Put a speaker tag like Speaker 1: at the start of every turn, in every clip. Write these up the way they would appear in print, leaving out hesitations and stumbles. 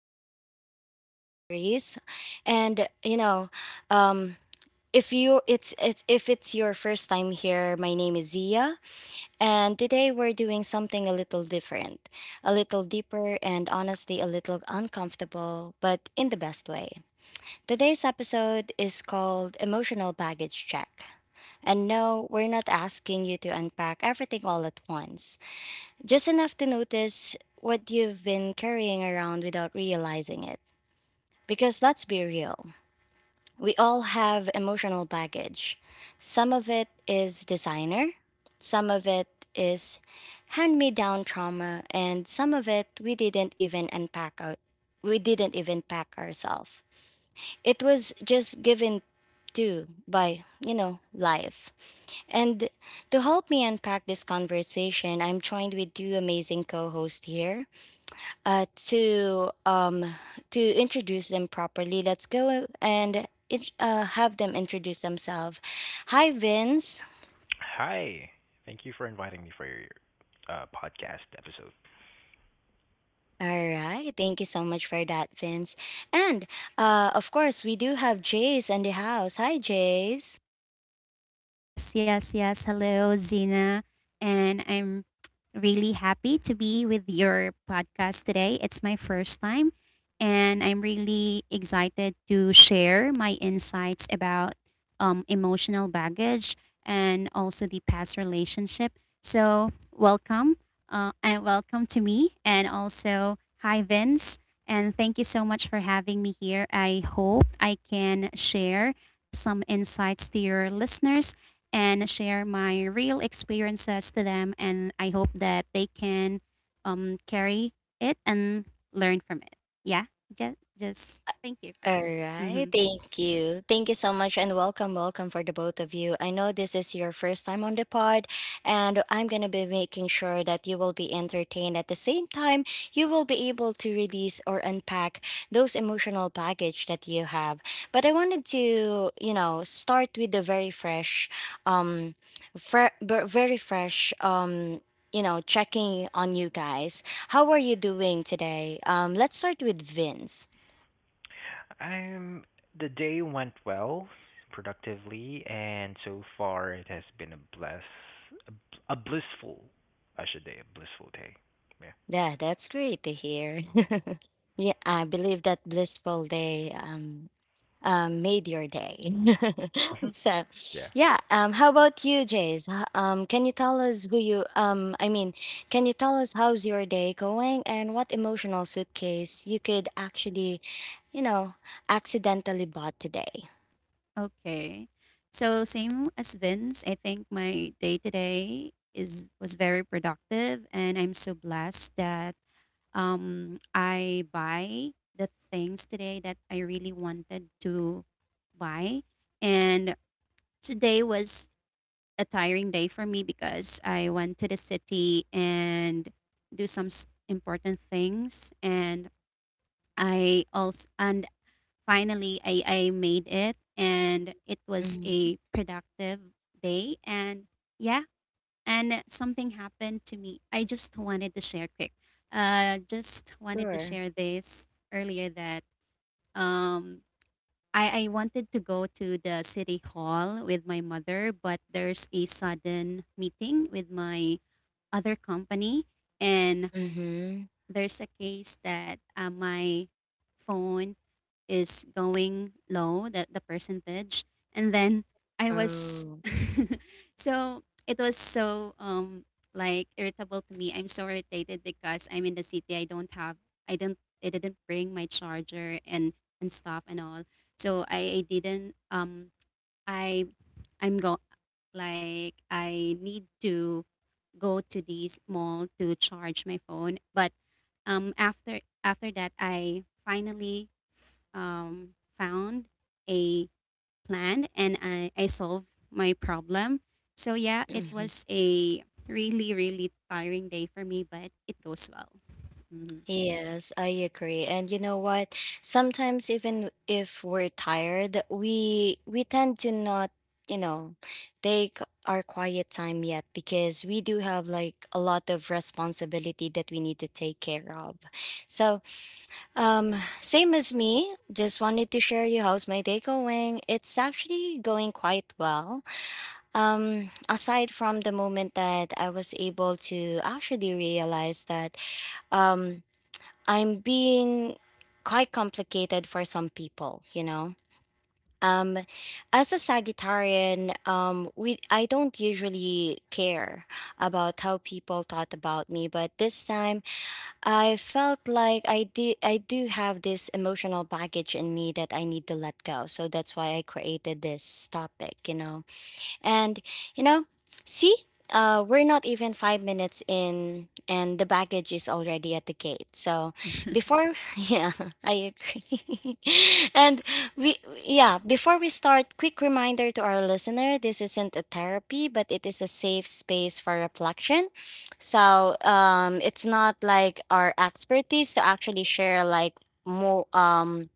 Speaker 1: to Real Talk Diaries. And you know, um if you it's if it's your first time here, my name is Zia, and today we're doing something a little different, a little deeper and honestly a little uncomfortable, but in the best way. Today's episode is called Emotional Baggage Check. And no, we're not asking you to unpack everything all at once, just enough to notice what you've been carrying around without realizing it. Because let's be real, we all have emotional baggage. Some of it is designer, some of it is hand me down trauma, and some of it we didn't even unpack Our We didn't even pack ourselves. It was just given to by, life. And to help me unpack this conversation, I'm joined with two amazing co hosts here uh, to um, to introduce them properly. Let's go and have them introduce themselves. Hi, Vince.
Speaker 2: Hi. Thank you for inviting me for your podcast episode.
Speaker 1: All right, thank you so much for that, Vince. And of course, we do have Jace in the house. Hi, Jace.
Speaker 3: Yes, yes, yes. Hello, Zina. And I'm really happy to be with your podcast today. It's my first time, and I'm really excited to share my insights about emotional baggage and also the past relationship. So, welcome, and welcome to me, and also hi, Vince. And thank you so much for having me here. I hope I can share some insights to your listeners and share my real experiences to them. And I hope that they can carry it and learn from it. Yeah, just thank you for that.
Speaker 1: All
Speaker 3: Mm-hmm.
Speaker 1: right. Thank you. Thank you so much and welcome, welcome for the both of you. I know this is your first time on the pod, and I'm going to be making sure that you will be entertained. At the same time, you will be able to release or unpack those emotional baggage that you have. But I wanted to, you know, start with the very fresh, um, very fresh, you know, checking on you guys. How are you doing today? Let's start with Vince.
Speaker 2: I'm The day went well, productively, and so far it has been a blissful, I should say, a blissful day. Yeah.
Speaker 1: Yeah, that's great to hear. Yeah, I believe that blissful day made your day.
Speaker 2: Mhm.
Speaker 1: So,
Speaker 2: Yeah.
Speaker 1: yeah. How about you, Jace? H- can you tell us who you um? I mean, can you tell us how's your day going and what emotional suitcase you could actually, you know, accidentally bought today?
Speaker 3: Okay. So same as Vince, I think my day today is was very productive, and I'm so blessed that I buy the things today that I really wanted to buy, and today was a tiring day for me because I went to the city and do some important things and I also and finally I made it and it was
Speaker 1: Mm-hmm.
Speaker 3: a productive day. And yeah, and something happened to me. I just wanted to share quick. Just wanted to
Speaker 1: Sure.
Speaker 3: share this earlier that um I wanted to go to the city hall with my mother, but there's a sudden meeting with my other company, and
Speaker 1: Mm-hmm.
Speaker 3: there's a case that my phone is going low, the percentage. And then I was,
Speaker 1: Oh.
Speaker 3: so it was so like irritable to me. I'm so irritated because I'm in the city. I don't have, I didn't bring my charger and stuff and all. So I didn't I I'm go like I need to go to this mall to charge my phone, but after that, I finally found a plan and I solved my problem. So yeah, it was a really tiring day for me, but it goes well. hmm
Speaker 1: Yes, I agree. And you know what? Sometimes even if we're tired, we tend to not, you know, take our quiet time yet because we do have like a lot of responsibility that we need to take care of. So, um same as me, just wanted to share you how's my day going. It's actually going quite well. Aside from the moment that I was able to actually realize that um I'm being quite complicated for some people, you know. Um, as a Sagittarian, we I don't usually care about how people thought about me, but this time I felt like I do have this emotional baggage in me that I need to let go. So that's why I created this topic, you know. And you know, see, we're not even 5 minutes in, and the baggage is already at the gate. So before, yeah, I agree. and we, yeah, before we start, quick reminder to our listener: this isn't a therapy, but it is a safe space for reflection. So it's not like our expertise to actually share like more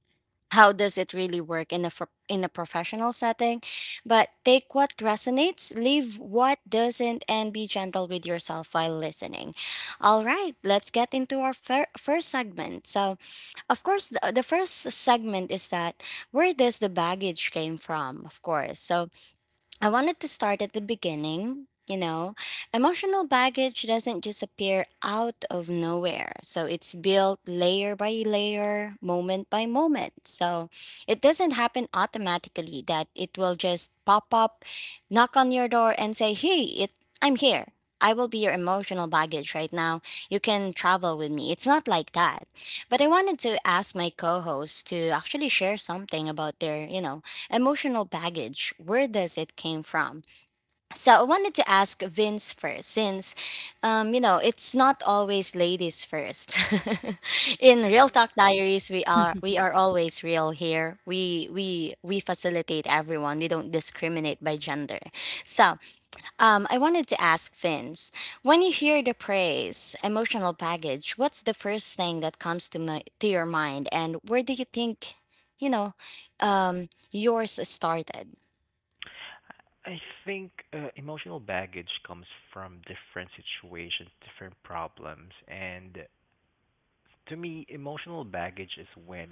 Speaker 1: how does it really work in a in a professional setting, but take what resonates, leave what doesn't, and be gentle with yourself while listening. All right, let's get into our first segment. So of course the first segment is that where does the baggage came from, of course. So I wanted to start at the beginning. You know, emotional baggage doesn't just appear out of nowhere. So it's built layer by layer, moment by moment. So it doesn't happen automatically that it will just pop up, knock on your door and say, "Hey, it I'm here. I will be your emotional baggage right now. You can travel with me." It's not like that. But I wanted to ask my co hosts to actually share something about their, you know, emotional baggage, where does it came from. So I wanted to ask Vince first, since you know, it's not always ladies first. In Real Talk Diaries, we are we are always real here. We facilitate everyone, we don't discriminate by gender. So I wanted to ask Vince, when you hear the praise, emotional baggage, what's the first thing that comes to to your mind, and where do you think, you know, yours started?
Speaker 2: I think emotional baggage comes from different situations, different problems, and to me, emotional baggage is when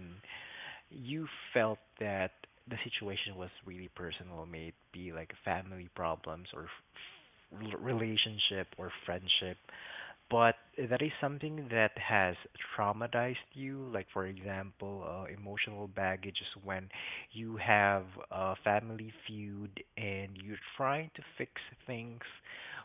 Speaker 2: you felt that the situation was really personal, may it be like family problems or relationship or friendship, but that is something that has traumatized you, like for example, emotional baggage is when you have a family feud and you're trying to fix things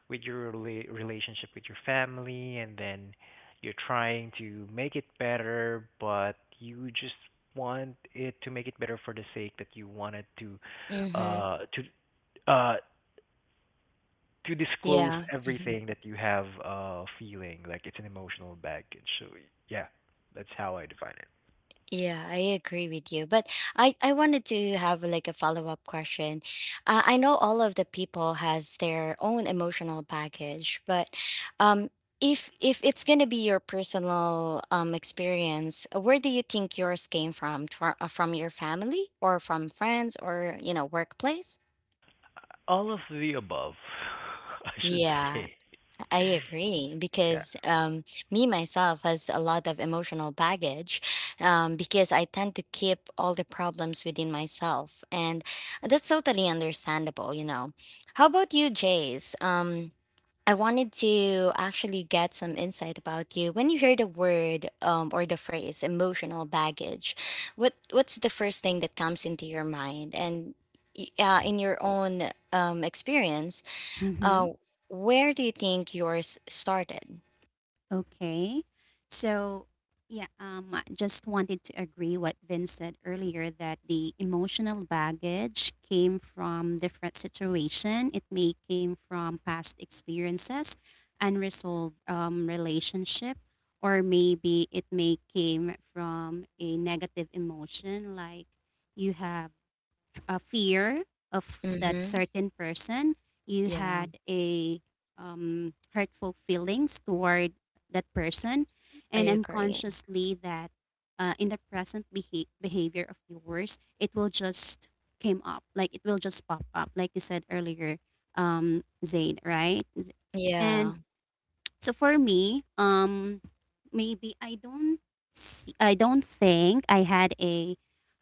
Speaker 2: with your relationship with your family, and then you're trying to make it better, but you just want it to make it better for the sake that you wanted to,
Speaker 1: Mm-hmm.
Speaker 2: uh, to uh to disclose
Speaker 1: Yeah. Mm-hmm.
Speaker 2: everything that you have feeling like it's an emotional baggage, so yeah, that's how I define it.
Speaker 1: Yeah, I agree with you. But I wanted to have like a follow-up question. I know all of the people has their own emotional baggage, but um, if it's gonna be your personal experience, where do you think yours came from? From your family or from friends or, you know, workplace?
Speaker 2: All of the above, I should
Speaker 1: Yeah.
Speaker 2: say.
Speaker 1: I agree,
Speaker 2: Yeah.
Speaker 1: because me myself has a lot of emotional baggage because I tend to keep all the problems within myself. And that's totally understandable, you know. How about you, Jace? I wanted to actually get some insight about you. When you hear the word or the phrase emotional baggage, what's the first thing that comes into your mind? And in your own experience, uh,
Speaker 3: Mhm.
Speaker 1: where do you think yours started?
Speaker 3: Okay. So, yeah, I just wanted to agree what Vince said earlier that the emotional baggage came from different situation. It may came from past experiences, unresolved relationship, or maybe it may came from a negative emotion like you have a fear of that
Speaker 1: Mm-hmm.
Speaker 3: certain person. You
Speaker 1: Yeah,
Speaker 3: had a hurtful feelings toward that person,
Speaker 1: I
Speaker 3: and
Speaker 1: agree.
Speaker 3: unconsciously that in the present behavior of yours, it will just came up, like it will just pop up, like you said earlier, Zayn, right? And
Speaker 1: Yeah,
Speaker 3: so for me, maybe I don't see, I don't think I had a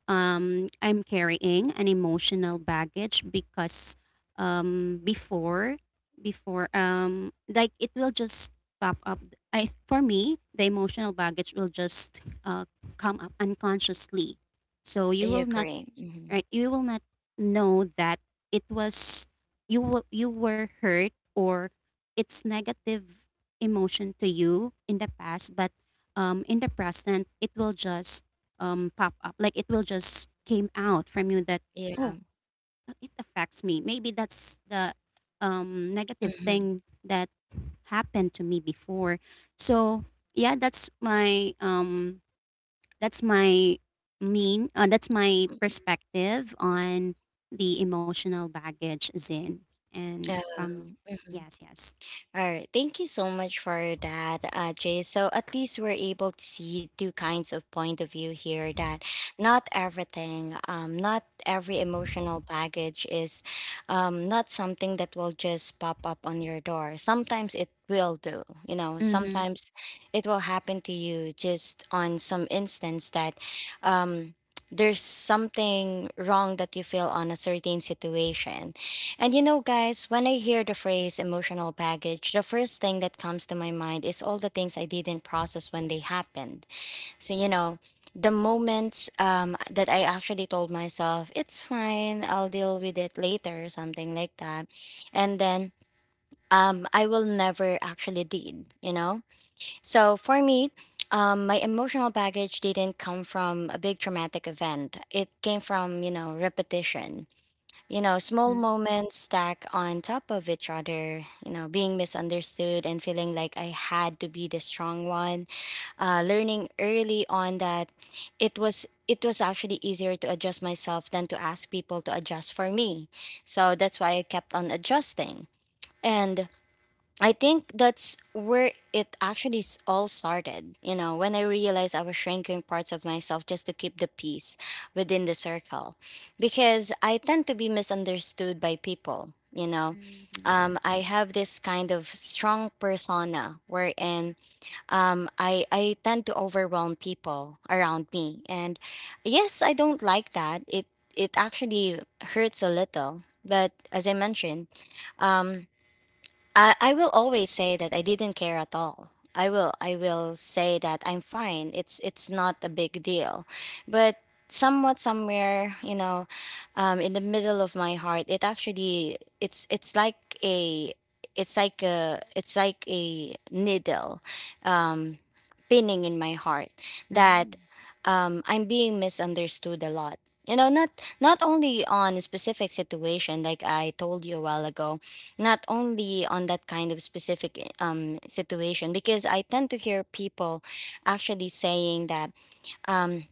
Speaker 3: I'm carrying an emotional baggage because um, before before like it will just pop up. I For me the emotional baggage will just come up unconsciously, so
Speaker 1: I
Speaker 3: you will not
Speaker 1: agree. Mm-hmm.
Speaker 3: right you will not know that it was you were hurt or it's negative emotion to you in the past, but in the present it will just pop up, like it will just came out from you that
Speaker 1: Yeah.
Speaker 3: oh, it affects me. Maybe that's the negative
Speaker 1: Mm-hmm.
Speaker 3: thing that happened to me before. So yeah, that's my mean that's my
Speaker 1: Mm-hmm.
Speaker 3: perspective on the emotional baggage, Zin. And
Speaker 1: Yeah.
Speaker 3: from
Speaker 1: Mm-hmm.
Speaker 3: yes, yes.
Speaker 1: All right. Thank you so much for that, Jay. So at least we're able to see two kinds of point of view here that not everything, not every emotional baggage is not something that will just pop up on your door. Sometimes it will do, you know,
Speaker 3: Mm-hmm.
Speaker 1: sometimes it will happen to you just on some instance that um, there's something wrong that you feel on a certain situation. And you know, guys, when I hear the phrase emotional baggage, the first thing that comes to my mind is all the things I didn't process when they happened. So, you know, the moments that I actually told myself, it's fine, I'll deal with it later, something like that. And then I will never actually did, you know? So for me, my emotional baggage didn't come from a big traumatic event. It came from, you know, repetition, you know, small
Speaker 3: Mm-hmm.
Speaker 1: moments stack on top of each other, you know, being misunderstood and feeling like I had to be the strong one. Learning early on that it was actually easier to adjust myself than to ask people to adjust for me. So that's why I kept on adjusting. And I think that's where it actually all started. You know, when I realized I was shrinking parts of myself just to keep the peace within the circle, because I tend to be misunderstood by people. You know,
Speaker 3: Mm-hmm.
Speaker 1: I have this kind of strong persona wherein I tend to overwhelm people around me, and yes, I don't like that. It actually hurts a little, but as I mentioned. Um, I will always say that I didn't care at all. I will say that I'm fine. It's not a big deal. But somewhat somewhere, you know, in the middle of my heart, it's it's like a needle um, pinning in my heart that
Speaker 3: Mm.
Speaker 1: I'm being misunderstood a lot. You know, not not only on a specific situation like I told you a while ago, not only on that kind of specific situation, because I tend to hear people actually saying that um,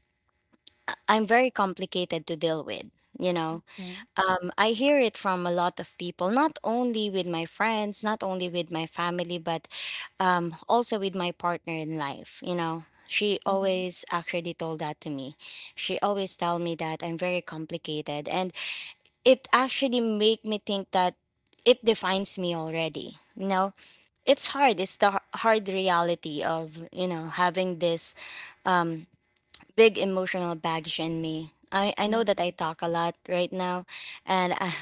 Speaker 1: I'm very complicated to deal with, you know.
Speaker 3: Okay.
Speaker 1: Um, I hear it from a lot of people, not only with my friends, not only with my family, but also with my partner in life, you know. She
Speaker 3: Mm-hmm.
Speaker 1: always actually told that to me, she always tell me that I'm very complicated, and it actually make me think that it defines me already, you know. It's hard, it's the hard reality of, you know, having this um big emotional baggage in me. I know that I
Speaker 3: Mm.
Speaker 1: talk a lot right now, and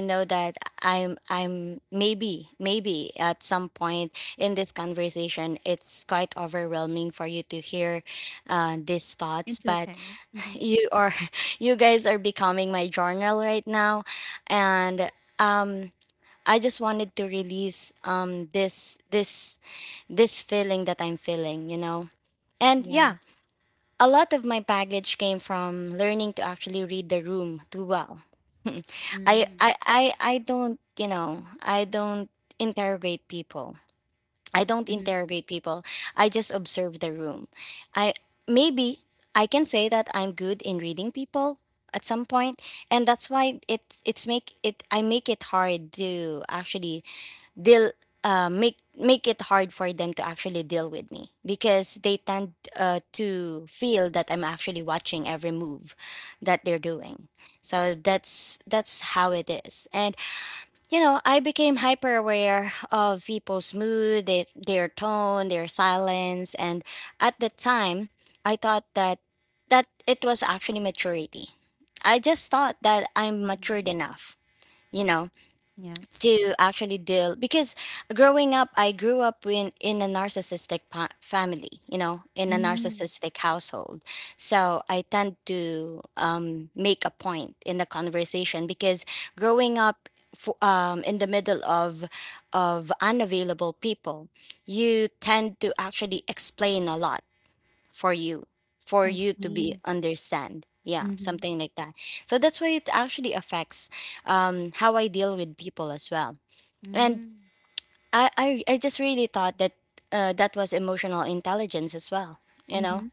Speaker 1: I know that I'm maybe maybe at some point in this conversation it's quite overwhelming for you to hear these thoughts,
Speaker 3: It's
Speaker 1: but
Speaker 3: okay. Mm-hmm.
Speaker 1: you are you guys are becoming my journal right now. And um. I just wanted to release this this feeling that I'm feeling, you know. And yeah,
Speaker 3: Yes.
Speaker 1: a lot of my baggage came from learning to actually read the room too well.
Speaker 3: Mm.
Speaker 1: I don't, you know, I don't interrogate people. I don't
Speaker 3: Mm-hmm.
Speaker 1: interrogate people. I just observe the room. I maybe I can say that I'm good in reading people at some point, and that's why it's make it I make it hard to actually deal make it hard for them to actually deal with me, because they tend to feel that I'm actually watching every move that they're doing. So that's how it is. And you know, I became hyper aware of people's mood, their tone, their silence, and at the time, I thought that it was actually maturity. I just thought that I'm
Speaker 3: Mm-hmm.
Speaker 1: matured enough, you know,
Speaker 3: Yes.
Speaker 1: to actually deal, because growing up I grew up in a narcissistic family, you know, in a
Speaker 3: Mm.
Speaker 1: narcissistic household. So I tend to make a point in the conversation, because growing up, in the middle of unavailable people, you tend to actually explain a lot for you
Speaker 3: I
Speaker 1: for you to
Speaker 3: see.
Speaker 1: be understand, yeah,
Speaker 3: Mm-hmm.
Speaker 1: something like that. So that's why it actually affects how I deal with people as well. And
Speaker 3: Mm.
Speaker 1: I just really thought that that was emotional intelligence as well, you know?
Speaker 3: Mm-hmm.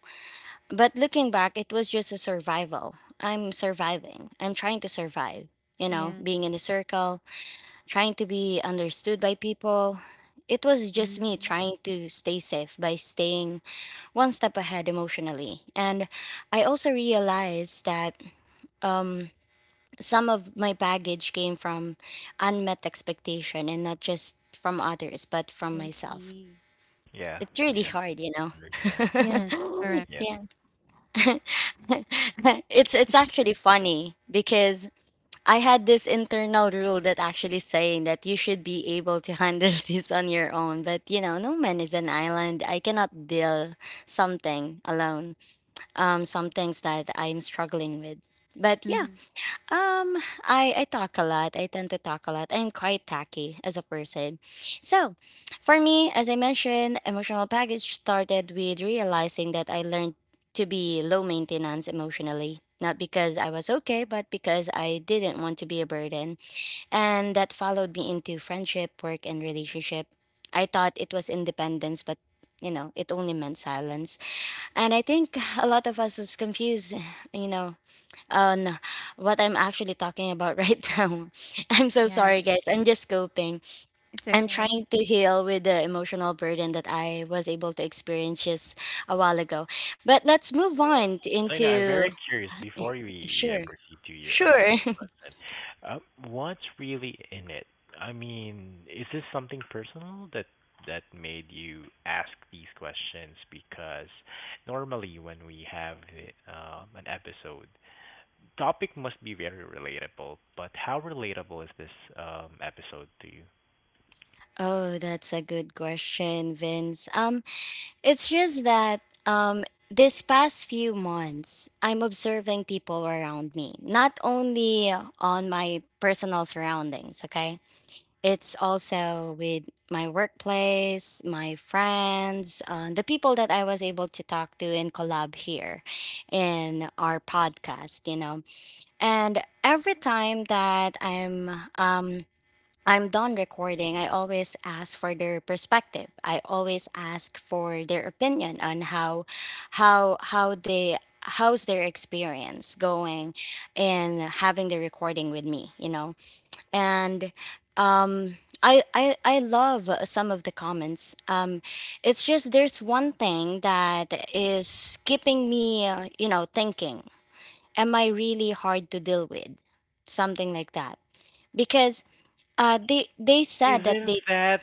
Speaker 1: But looking back, it was just a survival. I'm surviving. I'm trying to survive, you know, being
Speaker 3: Yes.
Speaker 1: in a circle, trying to be understood by people. It was just me
Speaker 3: Mm-hmm.
Speaker 1: trying to stay safe by staying one step ahead emotionally. And I also realized that um, some of my baggage came from unmet expectation, and not just from others, but
Speaker 3: I
Speaker 1: from myself.
Speaker 3: see.
Speaker 2: Yeah,
Speaker 1: It's really
Speaker 2: yeah,
Speaker 1: hard, you know.
Speaker 2: understand.
Speaker 3: Yes, correct.
Speaker 2: Yeah.
Speaker 1: Yeah. It's
Speaker 3: It's
Speaker 1: actually funny because I had this internal rule that actually saying that you should be able to handle this on your own. But you know, no man is an island. I cannot deal something alone. Some things that I'm struggling with. But yeah.
Speaker 3: mm-hmm.
Speaker 1: Um, I talk a lot. I tend to talk a lot. I'm quite tacky as a person. So, for me, as I mentioned, emotional baggage started with realizing that I learned to be low maintenance emotionally. Not because I was okay, but because I didn't want to be a burden. And that followed me into friendship, work, and relationship. I thought it was independence, but you know, it only meant silence. And I think a lot of us is confused, you know. Oh no, what I'm actually talking about right now. I'm so
Speaker 3: Yeah.
Speaker 1: sorry, guys. I'm just coping.
Speaker 3: It's
Speaker 1: I'm
Speaker 3: okay.
Speaker 1: trying to heal with the emotional burden that I was able to experience just a while ago. But let's move on
Speaker 2: So, I'm
Speaker 1: into
Speaker 2: very curious before we, yeah,
Speaker 1: sure.
Speaker 2: proceed to your another
Speaker 1: Sure.
Speaker 2: question. Um, what's really in it? I mean, is this something personal that made you ask these questions? Because normally when we have an episode, topic must be very relatable, but how relatable is this episode to you?
Speaker 1: Oh, that's a good question, Vince. It's just that, um, this past few months, I'm observing people around me, not only on my personal surroundings, okay? It's also with my workplace, my friends, the people that I was able to talk to and collab here in our podcast, you know. And every time that um I'm done recording, I always ask for their perspective. I always ask for their opinion on how how they how's their experience going and having the recording with me, you know. And um, I I love some of the comments. It's just there's one thing that is keeping me, you know, thinking. Am I really hard to deal with? Something like that. Because they said that
Speaker 2: Isn't
Speaker 1: they
Speaker 2: that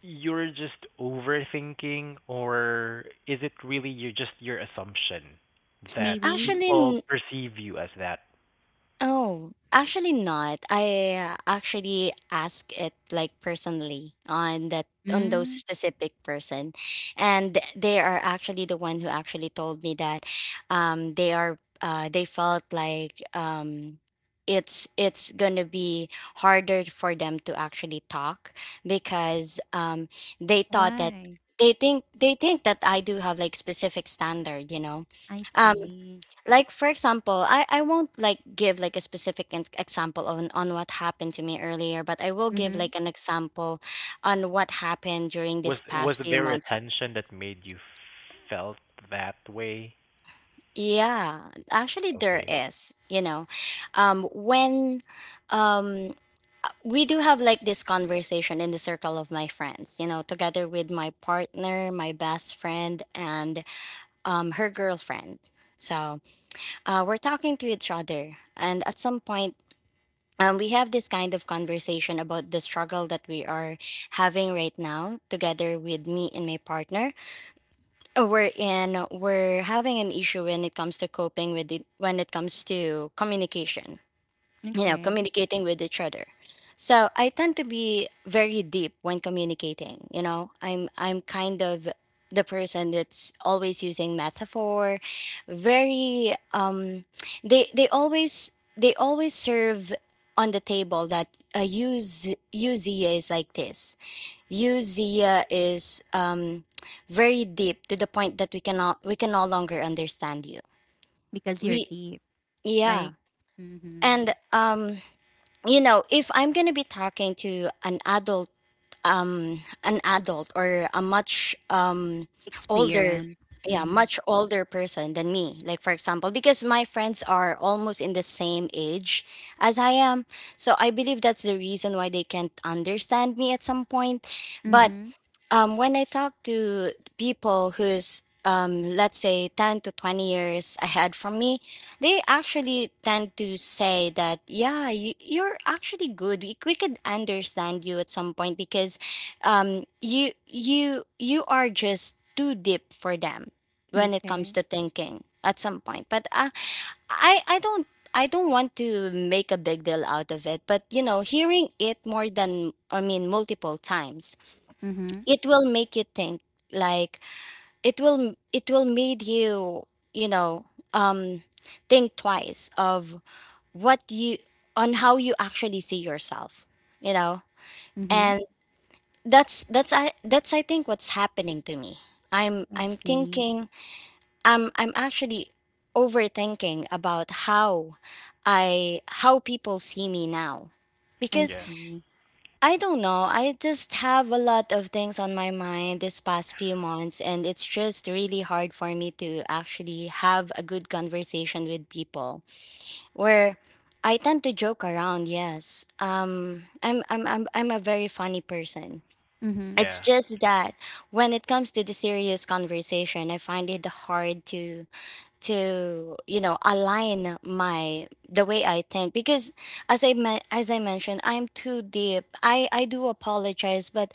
Speaker 2: you're just overthinking, or is it really you just your assumption that
Speaker 3: Maybe?
Speaker 2: people
Speaker 1: actually
Speaker 2: perceive you as that?
Speaker 1: Oh, actually not. I actually ask it like personally on that, on those
Speaker 3: Mm,
Speaker 1: specific person, and they are actually the one who actually told me that, they felt like, it's gonna be harder for them to actually talk, because they thought that
Speaker 3: why?
Speaker 1: they think that I do have like specific standard, you know.
Speaker 3: I see.
Speaker 1: Like for example, I won't like give like a specific example on what happened to me earlier, but I will give
Speaker 3: Mhm,
Speaker 1: like an example on what happened during
Speaker 2: Was
Speaker 1: this
Speaker 2: was
Speaker 1: past few
Speaker 2: there a
Speaker 1: months.
Speaker 2: tension that made you felt that way?
Speaker 1: Yeah, actually there
Speaker 2: Okay.
Speaker 1: is, you know. Um when um we do have like this conversation in the circle of my friends, you know, together with my partner, my best friend, and um, her girlfriend. So we're talking to each other, and at some point, we have this kind of conversation about the struggle that we are having right now together with me and my partner. We're having an issue when it comes to coping with it, when it comes to communication, you know,
Speaker 3: okay.
Speaker 1: communicating with each other. So I tend to be very deep when communicating, you know. I'm kind of the person that's always using metaphor, very um, they always serve on the table that use Uzia is like this. Uzia is um, very deep to the point that we can no longer understand you.
Speaker 3: Because you're
Speaker 1: We
Speaker 3: deep, like
Speaker 1: yeah.
Speaker 3: mhm.
Speaker 1: And um, you know, if I'm going to be talking to an adult, um, an adult or a much um, older,
Speaker 3: Experience.
Speaker 1: yeah,
Speaker 3: Mhm.
Speaker 1: much older person than me. Like for example, because my friends are almost in the same age as I am, so I believe that's the reason why they can't understand me at some point. But
Speaker 3: Mhm.
Speaker 1: when I talk to people who's let's say 10 to 20 years ahead from me, they actually tend to say that, yeah, you're actually good. We could understand you at some point, because you are just too deep for them when it comes
Speaker 3: Okay.
Speaker 1: to thinking at some point. But I, I don't, I don't want to make a big deal out of it. But, you know, hearing it more than, I mean, multiple times,
Speaker 3: Mhm.
Speaker 1: it will make you think, like, it will made you, you know, um, think twice of what you on how you actually see yourself, you know.
Speaker 3: Mhm.
Speaker 1: And that's I think what's happening to me. i'm
Speaker 3: I
Speaker 1: i'm
Speaker 3: see.
Speaker 1: thinking, I'm actually overthinking about how people see me now,
Speaker 3: I
Speaker 1: because
Speaker 2: Yeah.
Speaker 3: see.
Speaker 1: I don't know. I just have a lot of things on my mind this past few months, and it's just really hard for me to actually have a good conversation with people. Where I tend to joke around, yes. I'm a very funny person.
Speaker 3: Mhm.
Speaker 1: It's
Speaker 2: Yeah.
Speaker 1: just that when it comes to the serious conversation, I find it hard to you know align my the way I think, because as I mentioned, I'm too deep. I do apologize, but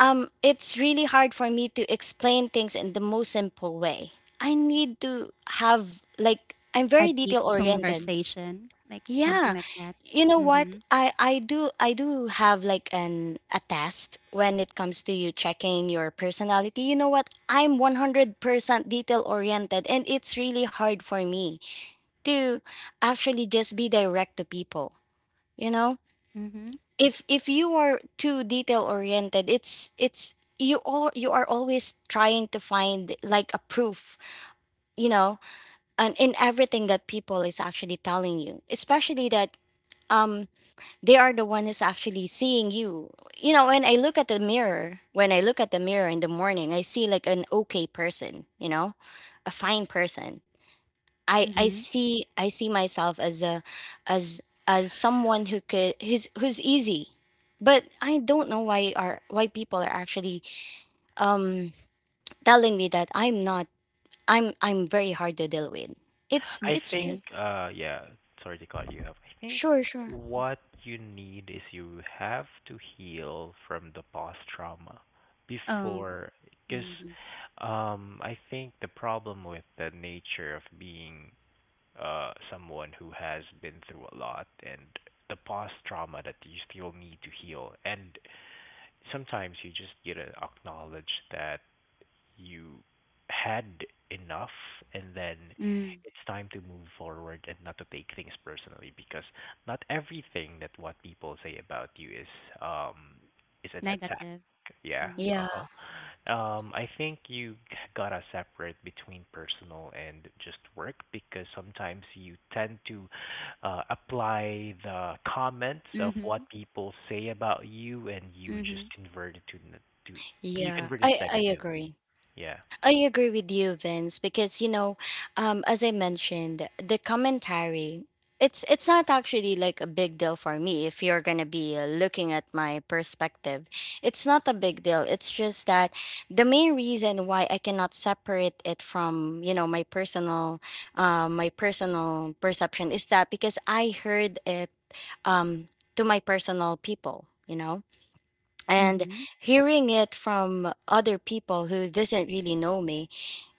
Speaker 1: um, it's really hard for me to explain things in the most simple way. I need to have like, I'm
Speaker 3: A
Speaker 1: very detail
Speaker 3: deep
Speaker 1: oriented.
Speaker 3: conversation, like something
Speaker 1: Yeah,
Speaker 3: like that.
Speaker 1: you know what,
Speaker 3: Mhm.
Speaker 1: I do have like an a test when it comes to you checking your personality. You know what, I'm 100% detail oriented, and it's really hard for me to actually just be direct to people, you know.
Speaker 3: Mhm.
Speaker 1: If you are too detail oriented, it's you all you are always trying to find like a proof, you know, and in everything that people is actually telling you, especially that um, they are the one who's actually seeing you, you know. When I look at the mirror in the morning, I see like an okay person, you know, a fine person.
Speaker 3: Mhm.
Speaker 1: I see myself as a, as as someone who could who's who's easy. But I don't know why are why people are actually um, telling me that I'm not, I'm very hard to deal with. It's
Speaker 2: I
Speaker 1: it's
Speaker 2: think,
Speaker 3: Okay.
Speaker 1: just
Speaker 2: yeah, sorry to cut you off. I think
Speaker 1: sure, sure.
Speaker 3: Yeah.
Speaker 2: what you need is you have to heal from the past trauma
Speaker 3: Oh.
Speaker 2: before, because
Speaker 3: Mhm.
Speaker 2: I think the problem with the nature of being someone who has been through a lot and the past trauma that you still need to heal, and sometimes you just need to acknowledge that you had enough and then
Speaker 3: Mm.
Speaker 2: it's time to move forward and not to take things personally because not everything that what people say about you is um is an attack.
Speaker 3: Negative.
Speaker 2: Yeah.
Speaker 3: Mhm.
Speaker 1: Yeah,
Speaker 2: Uh-huh. I think you gotta separate between personal and just work because sometimes you tend to apply the comments of
Speaker 3: Mhm.
Speaker 2: what people say about you and you
Speaker 3: Mhm.
Speaker 2: just convert it to you
Speaker 1: yeah.
Speaker 2: convert it
Speaker 1: I
Speaker 2: negatively.
Speaker 1: agree.
Speaker 2: Yeah.
Speaker 1: I agree with you, Vince, because you know, as I mentioned, the commentary, it's not actually like a big deal for me if you're gonna be looking at my perspective. It's not a big deal. It's just that the main reason why I cannot separate it from, you know, my personal perception is that because I heard it um, to my personal people, you know, and
Speaker 3: Mhm.
Speaker 1: hearing it from other people who doesn't really know me,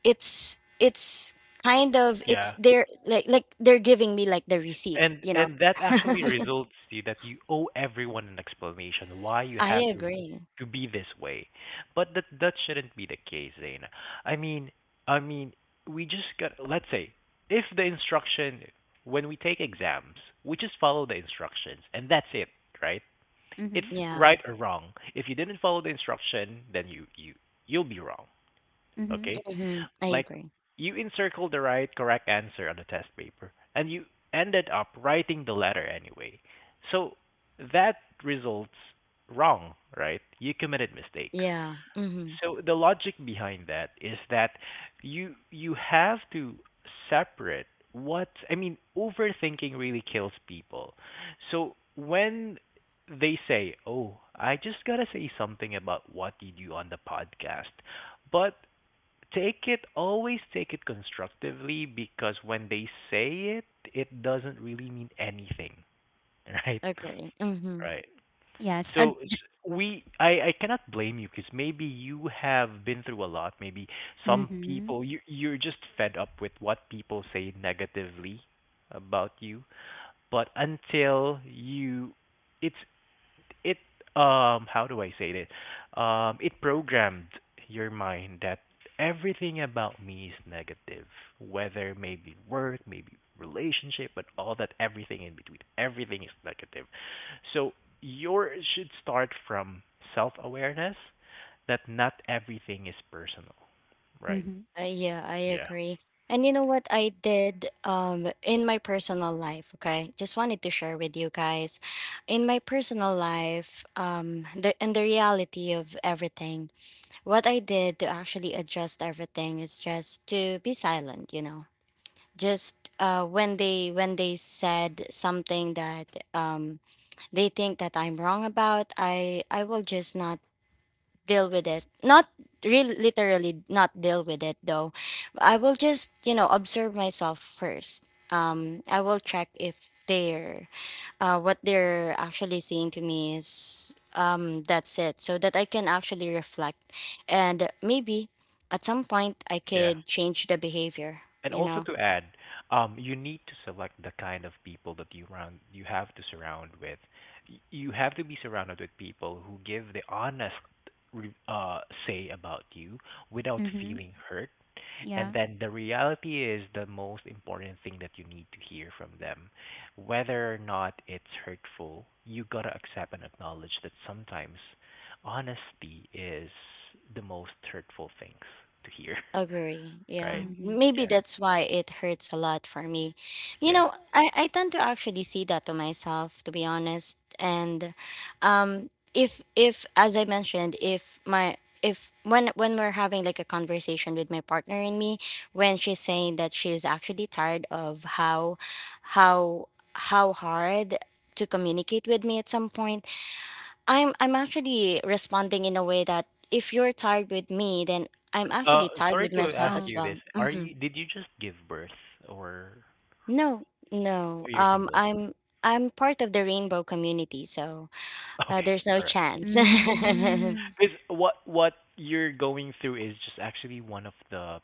Speaker 1: it's kind of, it's
Speaker 2: Yeah.
Speaker 1: they're like they're giving me like the receipt,
Speaker 2: And
Speaker 1: you know.
Speaker 2: and that actually results to that you owe everyone an explanation why you
Speaker 1: I
Speaker 2: have to
Speaker 1: agree.
Speaker 2: to be this way. But that shouldn't be the case, Zaina. I mean, I mean, we just got, let's say, if the instruction when we take exams, we just follow the instructions and that's it, right? It's
Speaker 3: Mhm.
Speaker 1: Yeah.
Speaker 2: right or wrong. If you didn't follow the instruction, then you you'll be wrong,
Speaker 3: Mhm.
Speaker 2: okay?
Speaker 1: Hmm, I
Speaker 2: Like
Speaker 1: agree.
Speaker 2: you encircled the right correct answer on the test paper and you ended up writing the letter anyway. So that results wrong, right? You committed mistakes.
Speaker 1: Yeah. Mm-hmm.
Speaker 2: So the logic behind that is that you have to separate. What I mean, overthinking really kills people. So when they say, "Oh, I just got to say something about what you do on the podcast." But take it, always take it constructively because when they say it, it doesn't really mean anything, right?
Speaker 1: Agree. Mm-hmm.
Speaker 2: Right.
Speaker 3: Yes. A
Speaker 2: So I cannot blame you because maybe you have been through a lot. Maybe some
Speaker 3: Mm-hmm.
Speaker 2: people, you're just fed up with what people say negatively about you. But until you, it's it how do I say it? It programmed your mind that everything about me is negative, whether maybe work, maybe relationship, but all that everything in between, everything is negative. So yours should start from self-awareness that not everything is personal, right?
Speaker 3: Mm-hmm.
Speaker 1: Yeah, I
Speaker 2: Yeah.
Speaker 1: agree. And you know what I did um, in my personal life, okay? Just wanted to share with you guys. In my personal life, um, the reality of everything, what I did to actually adjust everything is just to be silent, you know. Just when they said something that um, they think that I'm wrong about, I will just not deal with
Speaker 3: S-
Speaker 1: it. Not real, literally not deal with it though. I will just, you know, observe myself first. I will check if they're what they're actually saying to me is that's it, so that I can actually reflect, and maybe at some point I
Speaker 2: Yeah.
Speaker 1: could change the behavior.
Speaker 2: And
Speaker 1: You
Speaker 2: also
Speaker 1: know,
Speaker 2: to add, you need to select the kind of people that you have to surround with. You have to be surrounded with people who give the honest re- uh, say about you without
Speaker 3: Mm-hmm.
Speaker 2: feeling hurt.
Speaker 3: Yeah.
Speaker 2: And then the reality is the most important thing that you need to hear from them. Whether or not it's hurtful, you gotta accept and acknowledge that sometimes honesty is the most hurtful things to hear,
Speaker 1: agree. Yeah.
Speaker 2: right?
Speaker 3: Mm-hmm.
Speaker 1: Maybe
Speaker 2: Yeah,
Speaker 1: that's why it hurts a lot for me. You
Speaker 2: yeah.
Speaker 1: know, I tend to actually see that to myself, to be honest. And if as I mentioned, if my if when we're having like a conversation with my partner and me, when she's saying that she's actually tired of how how how hard to communicate with me at some point I'm actually responding in a way that if you're tired with me, then I'm actually tired
Speaker 2: Sorry
Speaker 1: with
Speaker 2: to
Speaker 1: myself
Speaker 2: ask
Speaker 3: Oh.
Speaker 1: as
Speaker 2: you this.
Speaker 1: well.
Speaker 2: Are you did you just give birth or
Speaker 1: No, no.
Speaker 2: you're single?
Speaker 1: I'm part of the rainbow community, so
Speaker 2: Okay,
Speaker 1: there's no
Speaker 2: all right,
Speaker 1: chance.
Speaker 2: okay.
Speaker 3: Mm,
Speaker 2: Because what you're going through is just actually one of the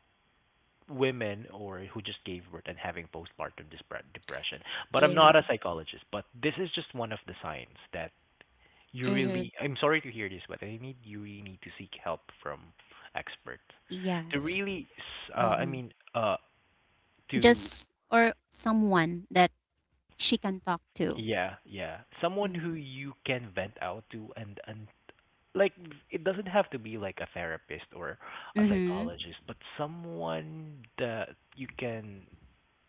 Speaker 2: women or who just gave birth and having postpartum depression. But I'm not
Speaker 1: Yeah.
Speaker 2: a psychologist, but this is just one of the signs that you
Speaker 1: Mm-hmm.
Speaker 2: really. I'm sorry to hear this, but I need you really need to seek help from experts to
Speaker 3: yes.
Speaker 2: really, I
Speaker 1: Mm-hmm.
Speaker 2: mean, to.
Speaker 3: Just or someone that she can talk to.
Speaker 2: Yeah, yeah. Someone who
Speaker 3: Mm-hmm.
Speaker 2: you can vent out to and like it doesn't have to be like a therapist or a
Speaker 3: Mm-hmm.
Speaker 2: psychologist, but someone that you can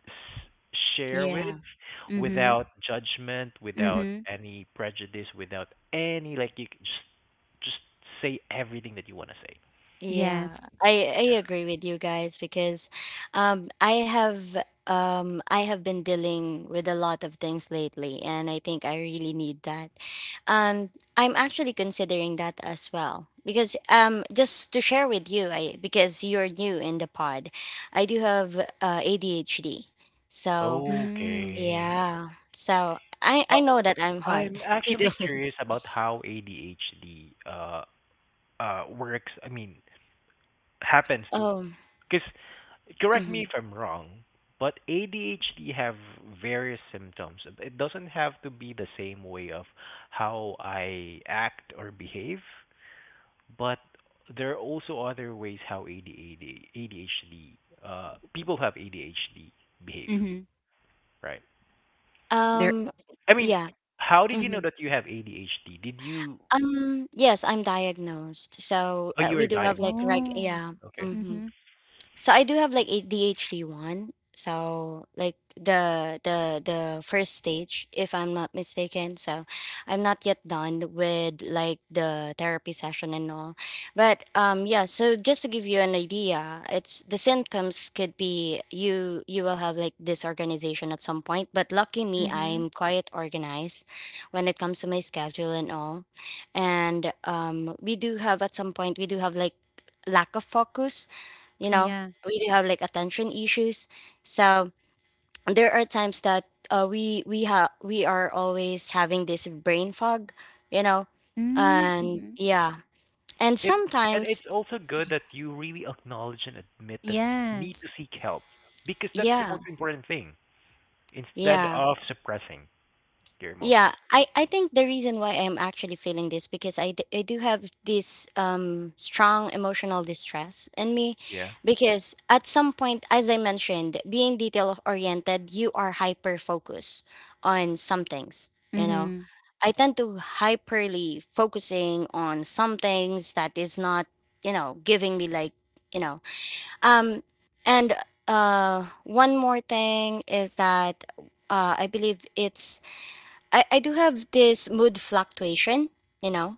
Speaker 2: share with
Speaker 1: Yeah.
Speaker 3: Mm-hmm.
Speaker 2: without judgment, without
Speaker 3: Mm-hmm.
Speaker 2: any prejudice, without any like you can just say everything that you want to say.
Speaker 1: Yeah,
Speaker 3: Yes.
Speaker 1: I
Speaker 2: Yeah.
Speaker 1: agree with you guys because um I have I have been dealing with a lot of things lately, and I think I really need that. Um I'm actually considering that as well because just to share with you, I because you're new in the pod. I do have ADHD. So,
Speaker 3: Mm.
Speaker 2: Okay.
Speaker 1: yeah. So, I know
Speaker 2: Oh,
Speaker 1: that I'm hard
Speaker 2: I'm
Speaker 1: to deal
Speaker 2: actually
Speaker 1: with.
Speaker 2: curious about how ADHD works. I mean, happens to,
Speaker 1: Oh.
Speaker 2: because correct me if
Speaker 1: Mhm.
Speaker 2: I'm wrong, but ADHD have various symptoms. It doesn't have to be the same way of how I act or behave, but there are also other ways how ADHD people have ADHD behave,
Speaker 3: Mm-hmm.
Speaker 2: right?
Speaker 3: There.
Speaker 1: Um
Speaker 2: I mean,
Speaker 1: yeah.
Speaker 2: how did you know
Speaker 1: Mm-hmm.
Speaker 2: that you have ADHD? Did you?
Speaker 1: Yes, I'm diagnosed. So
Speaker 2: Oh, you
Speaker 1: we
Speaker 2: were
Speaker 1: do have like
Speaker 2: diagnosed.
Speaker 1: reg
Speaker 3: Oh.
Speaker 1: yeah.
Speaker 2: Okay.
Speaker 1: Hmm,
Speaker 3: Mm-hmm.
Speaker 1: so I do have like ADHD one. So like the first stage, if I'm not mistaken. So I'm not yet done with like the therapy session and all. But yeah, so just to give you an idea, it's the symptoms could be you will have like disorganization at some point. But lucky me,
Speaker 3: Mm-hmm.
Speaker 1: I'm quite organized when it comes to my schedule and all. And we do have at some point we do have like lack of focus, you
Speaker 3: Oh,
Speaker 1: know,
Speaker 3: yeah.
Speaker 1: we do have like attention issues. So there are times that we have we are always having this brain fog, you know. And
Speaker 3: Mm-hmm.
Speaker 1: yeah, and
Speaker 2: It it's
Speaker 1: sometimes
Speaker 2: also good that you really acknowledge and admit that you need to
Speaker 3: Yes.
Speaker 2: seek help because that's the
Speaker 1: yeah,
Speaker 2: most important thing instead
Speaker 1: yeah.
Speaker 2: of suppressing your
Speaker 1: Yeah,
Speaker 2: emotions.
Speaker 1: I think the reason why I'm actually feeling this because I, d- I do have this strong emotional distress in me
Speaker 2: Yeah.
Speaker 1: because at some point, as I mentioned, being detail oriented, you are hyper focused on some things, you know.
Speaker 3: Mm-hmm.
Speaker 1: I tend to hyperly focusing on some things that is not, you know, giving me like, you know um and one more thing is that I believe it's I do have this mood fluctuation, you know.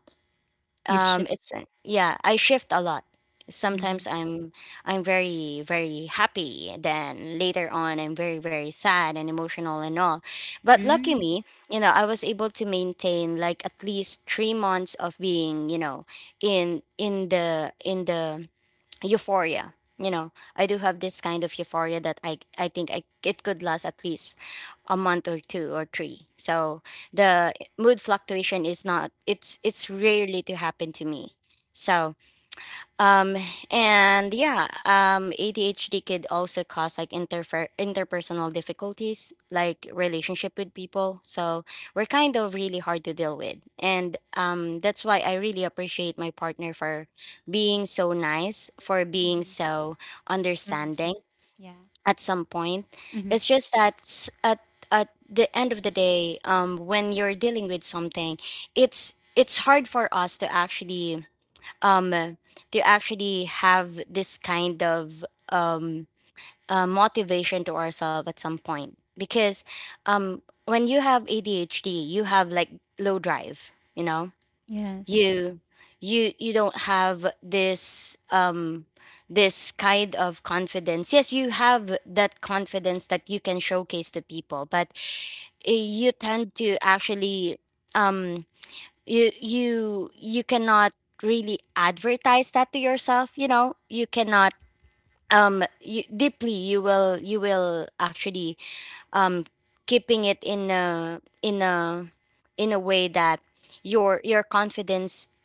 Speaker 3: You shift.
Speaker 1: It's yeah, I shift a lot.
Speaker 3: Mm-hmm.
Speaker 1: Sometimes I'm very very happy, then later on I'm very very sad and emotional and all. But lucky
Speaker 3: mm,
Speaker 1: me, you know, I was able to maintain like at least 3 months of being, you know, in the euphoria, you know. I do have this kind of euphoria that I think I, it could last at least a month or two or three. So the mood fluctuation is not it's it's rarely to happen to me. So um, and yeah, ADHD could also cause like interfer- interpersonal difficulties, like relationship with people. So we're kind of really hard to deal with. And that's why I really appreciate my partner for being so nice, for being
Speaker 3: Mm-hmm.
Speaker 1: so
Speaker 3: I
Speaker 1: understanding
Speaker 3: understand. Yeah.
Speaker 1: at some point. It's
Speaker 3: Mm-hmm.
Speaker 1: just that s- at the end of the day, when you're dealing with something, it's hard for us um to actually have this kind of motivation to ourselves at some point because um when you have ADHD you have like low drive, you know.
Speaker 3: Yes.
Speaker 1: You you don't have this this kind of confidence. Yes, you have that confidence that you can showcase to people, but you tend to actually um you you you cannot really advertise that to yourself, you know. You cannot you, deeply you will actually um keeping it in a in a in a way that your confidence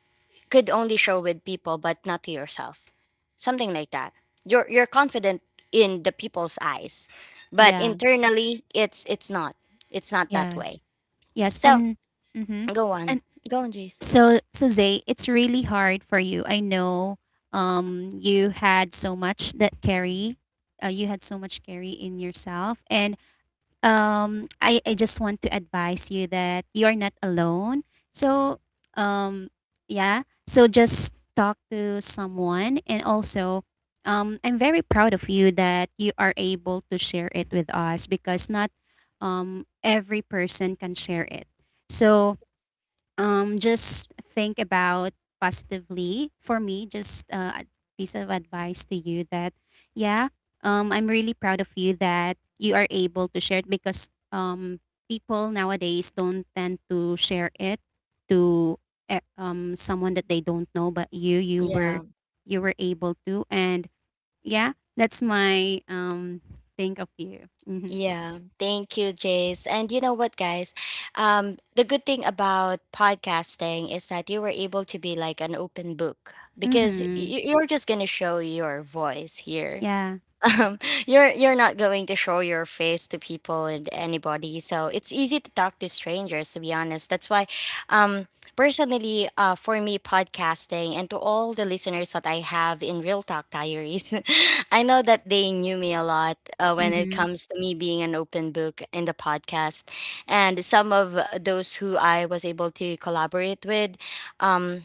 Speaker 1: could only show with people but not to yourself, something like that. You're confident in the people's eyes, but
Speaker 3: Yeah.
Speaker 1: internally it's not, it's not that
Speaker 3: Yes.
Speaker 1: way.
Speaker 3: Yes,
Speaker 1: So
Speaker 3: and mm-hmm.
Speaker 1: go on,
Speaker 3: And
Speaker 1: go on, Jace.
Speaker 3: so so Zay, it's really hard for you. I know you had so much that carry, you had so much carry in yourself, and I just want to advise you that you're not alone. So, um, yeah, so just talk to someone. And also, um, I'm very proud of you that you are able to share it with us because not every person can share it. So, just think about positively for me. Just a piece of advice to you that yeah, I'm really proud of you that you are able to share it because people nowadays don't tend to share it to someone that they don't know, but you
Speaker 1: Yeah.
Speaker 3: were you were able to. And yeah, that's my think of you. Mhm.
Speaker 1: Yeah, thank you, Jace. And you know what, guys? The good thing about podcasting is that you were able to be like an open book because
Speaker 3: Mhm.
Speaker 1: y- you're just gonna show your voice here,
Speaker 3: Yeah.
Speaker 1: um, you're not going to show your face to people and anybody, so it's easy to talk to strangers, to be honest. That's why um personally for me, podcasting, and to all the listeners that I have in Real Talk Diaries, I know that they knew me a lot when it
Speaker 3: Mhm.
Speaker 1: comes to me being an open book in the podcast. And some of those who I was able to collaborate with, um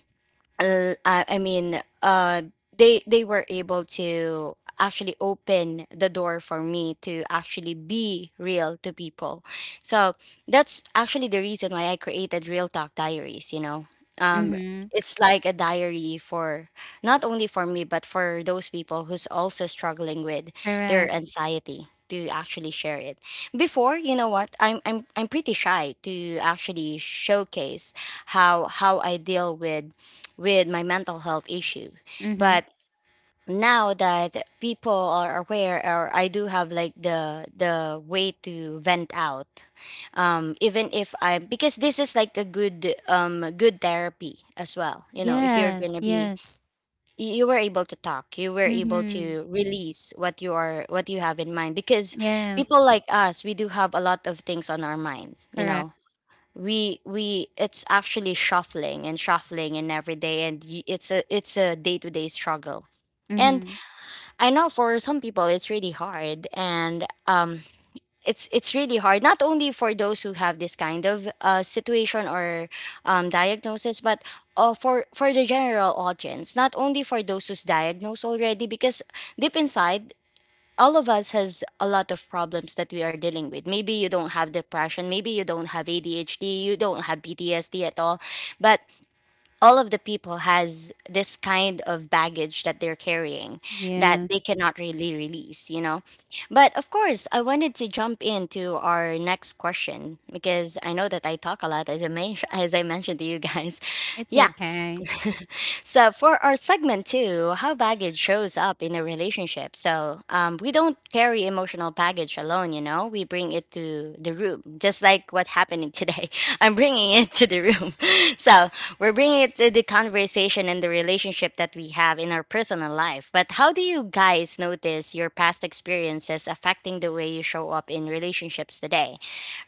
Speaker 1: l- uh, I I mean, uh, they were able to actually open the door for me to actually be real to people. So that's actually the reason why I created Real Talk Diaries. You know, um,
Speaker 3: Mhm.
Speaker 1: it's like a diary for not only for me but for those people who's also struggling with their
Speaker 3: Correct.
Speaker 1: anxiety to actually share it. Before, you know what, I'm pretty shy to actually showcase how I deal with my mental health issue.
Speaker 3: Mhm.
Speaker 1: But now that people are aware, or I do have like the way to vent out even if I, because this is like a good good therapy as well, you know. If you're going
Speaker 3: Yes,
Speaker 1: to be
Speaker 3: yes.
Speaker 1: y- you were able to talk, you were able
Speaker 3: Mhm.
Speaker 1: to release what you are what you have in mind, because
Speaker 3: Yes,
Speaker 1: people like us, we do have a lot of things on our mind, you
Speaker 3: correct.
Speaker 1: know. We it's actually shuffling and shuffling and every day, and y- it's a day-to-day struggle. And
Speaker 3: Mhm.
Speaker 1: I know for some people it's really hard, and it's really hard not only for those who have this kind of situation or diagnosis, but for the general audience, not only for those who's diagnosed already, because deep inside, all of us has a lot of problems that we are dealing with. Maybe you don't have depression, maybe you don't have ADHD, you don't have PTSD at all, but all of the people has this kind of baggage that they're carrying, that
Speaker 3: Yes,
Speaker 1: they cannot really release, you know. But of course, I wanted to jump into our next question because I know that I talk a lot as I, men- as I mentioned to you guys.
Speaker 3: it's
Speaker 1: Yeah,
Speaker 3: okay.
Speaker 1: so for our segment two, how baggage shows up in a relationship. So we don't carry emotional baggage alone. You know, we bring it to the room, just like what happened today. I'm bringing it to the room. So we're bringing it to the conversation and the relationship that we have in our personal life. But how do you guys notice your past experiences affecting the way you show up in relationships today,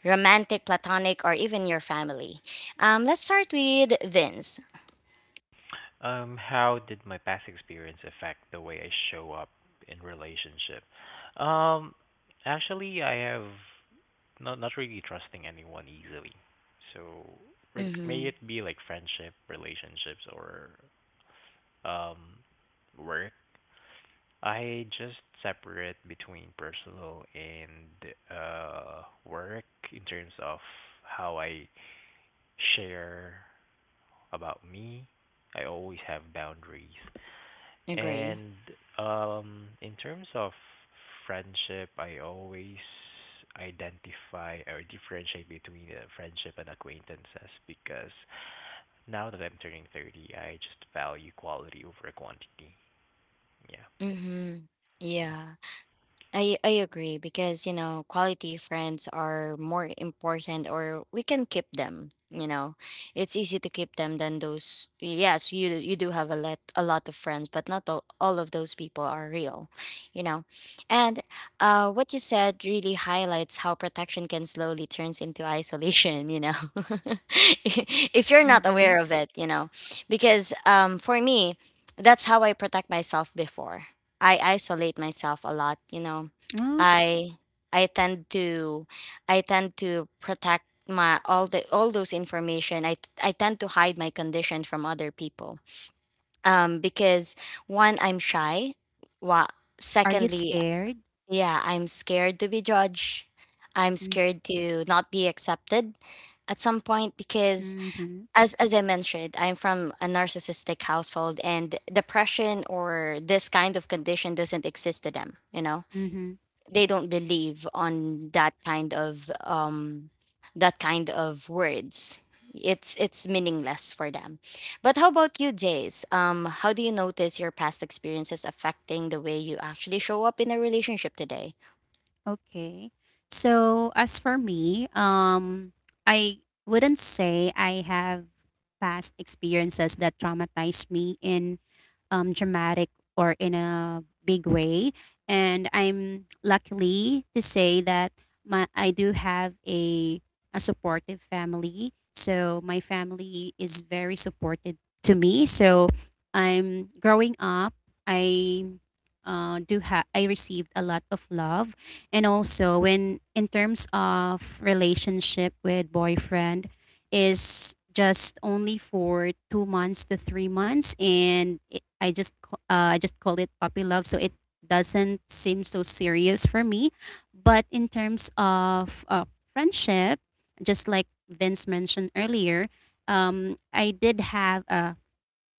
Speaker 1: romantic, platonic, or even your family? Let's start with Vince.
Speaker 2: How did my past experience affect the way I show up in relationship? Um, actually, I have not really trusting anyone easily. So, may
Speaker 1: Mm-hmm.
Speaker 2: it be like friendship, relationships, or um, work. I just separate between personal and work in terms of how I share about me. I always have boundaries.
Speaker 1: Agree.
Speaker 2: And in terms of friendship, I always identify or differentiate between friendship and acquaintances because now that I'm turning 30, I just value quality over quantity. Yeah,
Speaker 1: Mm-hmm.
Speaker 2: yeah.
Speaker 1: Yeah, I agree, because you know, quality friends are more important, or we can keep them. You know, it's easy to keep them than those. Yes, you do have a lot of friends, but not all, all of those people are real. You know, and what you said really highlights how protection can slowly turns into isolation. You know, if you're not
Speaker 3: Mhm.
Speaker 1: aware of it, you know, because for me, that's how I protect myself before. I isolate myself a lot, you know.
Speaker 3: Oh,
Speaker 1: I I tend to I tend to protect my all the all those information. I tend to hide my condition from other people. Um, because one, I'm shy. Well,
Speaker 3: are you
Speaker 1: secondly,
Speaker 3: scared?
Speaker 1: yeah, I'm scared to be judged. I'm
Speaker 3: Mm-
Speaker 1: scared to not be accepted at some point because
Speaker 3: Mhm.
Speaker 1: as I mentioned, I'm from a narcissistic household, and depression or this kind of condition doesn't exist to them. You know,
Speaker 3: Mhm.
Speaker 1: they don't believe on that kind of words. It's meaningless for them. But how about you, Jace? How do you notice your past experiences affecting the way you actually show up in a relationship today?
Speaker 3: Okay. So, as for me, I wouldn't say I have past experiences that traumatized me in dramatic or in a big way. And I'm luckily to say that my I do have a supportive family. So my family is very supportive to me. So I'm growing up. I I received a lot of love, and also when in terms of relationship with boyfriend, is just only for 2 months to 3 months, and it, I just call it puppy love, so it doesn't seem so serious for me. But in terms of friendship, just like Vince mentioned earlier, I did have a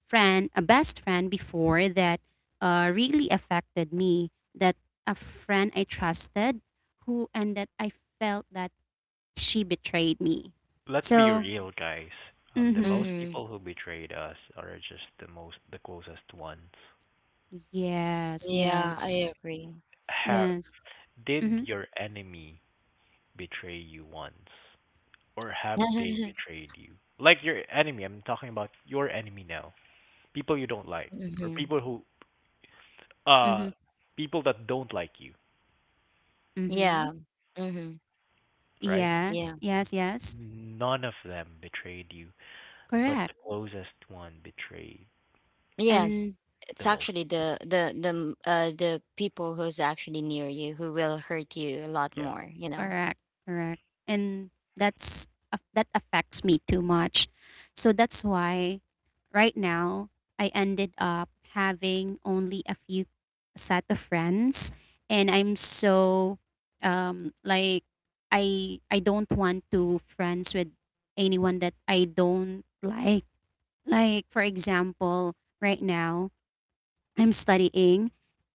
Speaker 3: friend, a best friend before that really affected me. That a friend I trusted, who and that I felt that she betrayed me.
Speaker 2: Let's be
Speaker 3: So,
Speaker 2: real, guys. The
Speaker 3: mm-hmm.
Speaker 2: most
Speaker 1: Mm-hmm.
Speaker 2: people who betrayed us are just the closest ones.
Speaker 3: Yes,
Speaker 1: Yeah, I
Speaker 3: yes,
Speaker 1: agree.
Speaker 2: Have
Speaker 3: yes.
Speaker 2: did
Speaker 3: Mm-hmm,
Speaker 2: your enemy betray you once, or have they
Speaker 1: Mm-hmm.
Speaker 2: betrayed you? Like your enemy, I'm talking about your enemy now. People you don't like, or uh
Speaker 3: mm-hmm,
Speaker 2: people that don't like you,
Speaker 3: mm-hmm.
Speaker 1: Yeah. Mm-hmm.
Speaker 2: right?
Speaker 1: Yeah.
Speaker 3: Yes, yes, yes.
Speaker 2: None of them betrayed you, but the
Speaker 3: Correct.
Speaker 2: closest one betrayed you
Speaker 1: Yes,
Speaker 3: And
Speaker 1: it's
Speaker 2: the most.
Speaker 1: actually the the people who's actually near you who will hurt you a lot
Speaker 2: Yeah.
Speaker 1: more, you know.
Speaker 3: correct, correct. And that's that affects me too much. So that's why right now I ended up having only a few set of friends, and I'm so like I don't want to friends with anyone that I don't like. Like for example, right now, I'm studying.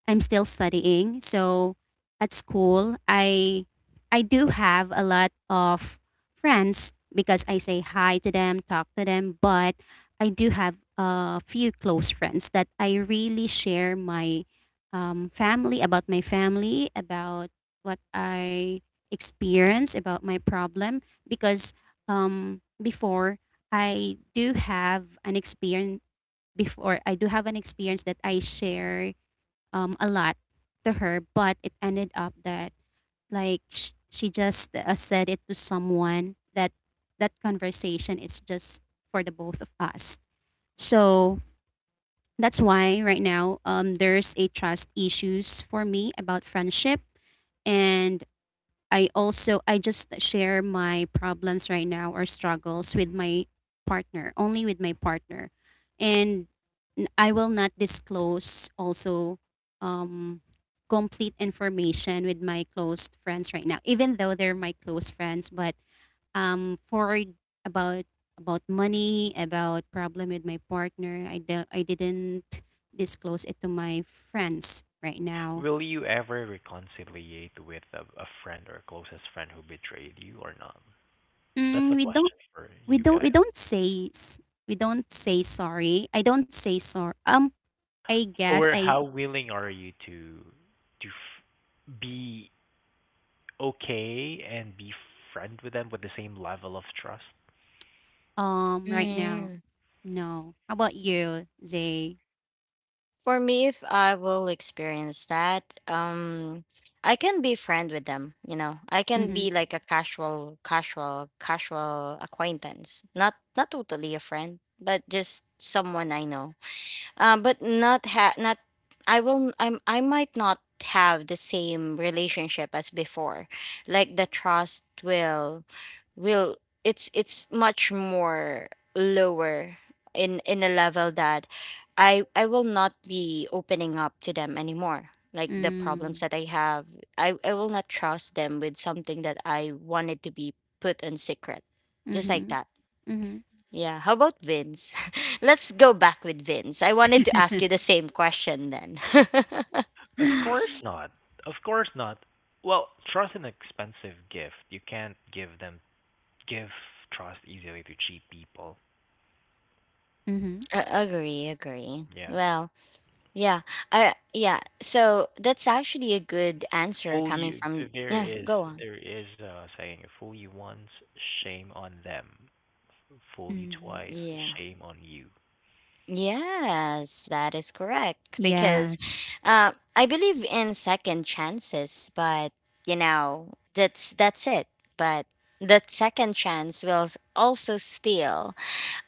Speaker 3: I'm still studying. So at school, I do have a lot of friends because I say hi to them, talk to them, but I do have a few close friends that I really share my family about my family, about what I experience, about my problem, because before I do have an experience before. I do have an experience that I share a lot to her, but it ended up that she just said it to someone that that conversation is just for the both of us. So that's why right now there's a trust issues for me about friendship. And I also, I just share my problems right now or struggles with my partner, only with my partner. And I will not disclose also um complete information with my close friends right now, even though they're my close friends, but for about about money, about problem with my partner, I didn't disclose it to my friends right now.
Speaker 2: Will you ever reconciliate with a friend or closest friend who betrayed you or not? That's
Speaker 3: Mm,
Speaker 2: the question for
Speaker 3: we
Speaker 2: you
Speaker 3: don't we
Speaker 2: guys.
Speaker 3: don't say s- we don't say sorry. I don't say sorry. I guess
Speaker 2: Or
Speaker 3: I
Speaker 2: how willing are you to be okay and be friend with them with the same level of trust?
Speaker 3: right now,
Speaker 1: Mm.
Speaker 3: no. How about you, Zay?
Speaker 1: For me, if I will experience that, I can be friend with them, you know. I can
Speaker 3: Mm-hmm.
Speaker 1: be like a casual, casual, casual acquaintance. Not not totally a friend, but just someone I know. But not ha- not I will I'm I might not have the same relationship as before. Like the trust will it's much more lower in a level that I will not be opening up to them anymore. Like the problems
Speaker 3: Mm.
Speaker 1: that I have, I will not trust them with something that I wanted to be put in secret. Just like
Speaker 3: Mm-hmm.
Speaker 1: that.
Speaker 3: Mm-hmm.
Speaker 1: Yeah, how about Vince? Let's go back with Vince. I wanted to ask you the same question then.
Speaker 2: Of course not. Of course not. Well, trust is an expensive gift. You can't give trust easily to cheap people.
Speaker 3: mm-hmm.
Speaker 1: A- agree, agree.
Speaker 2: Yeah.
Speaker 1: Well, yeah. So that's actually a good answer
Speaker 2: Fool
Speaker 1: coming
Speaker 2: you,
Speaker 1: from
Speaker 2: there
Speaker 1: Yeah,
Speaker 2: is
Speaker 1: Go on.
Speaker 2: there is a saying: fool you once, shame on them; fool you
Speaker 3: Mm-hmm.
Speaker 2: twice,
Speaker 1: Yeah.
Speaker 2: shame on you.
Speaker 1: Yes, that is correct because
Speaker 3: Yes.
Speaker 1: I believe in second chances, but you know, that's it. But the second chance will also steal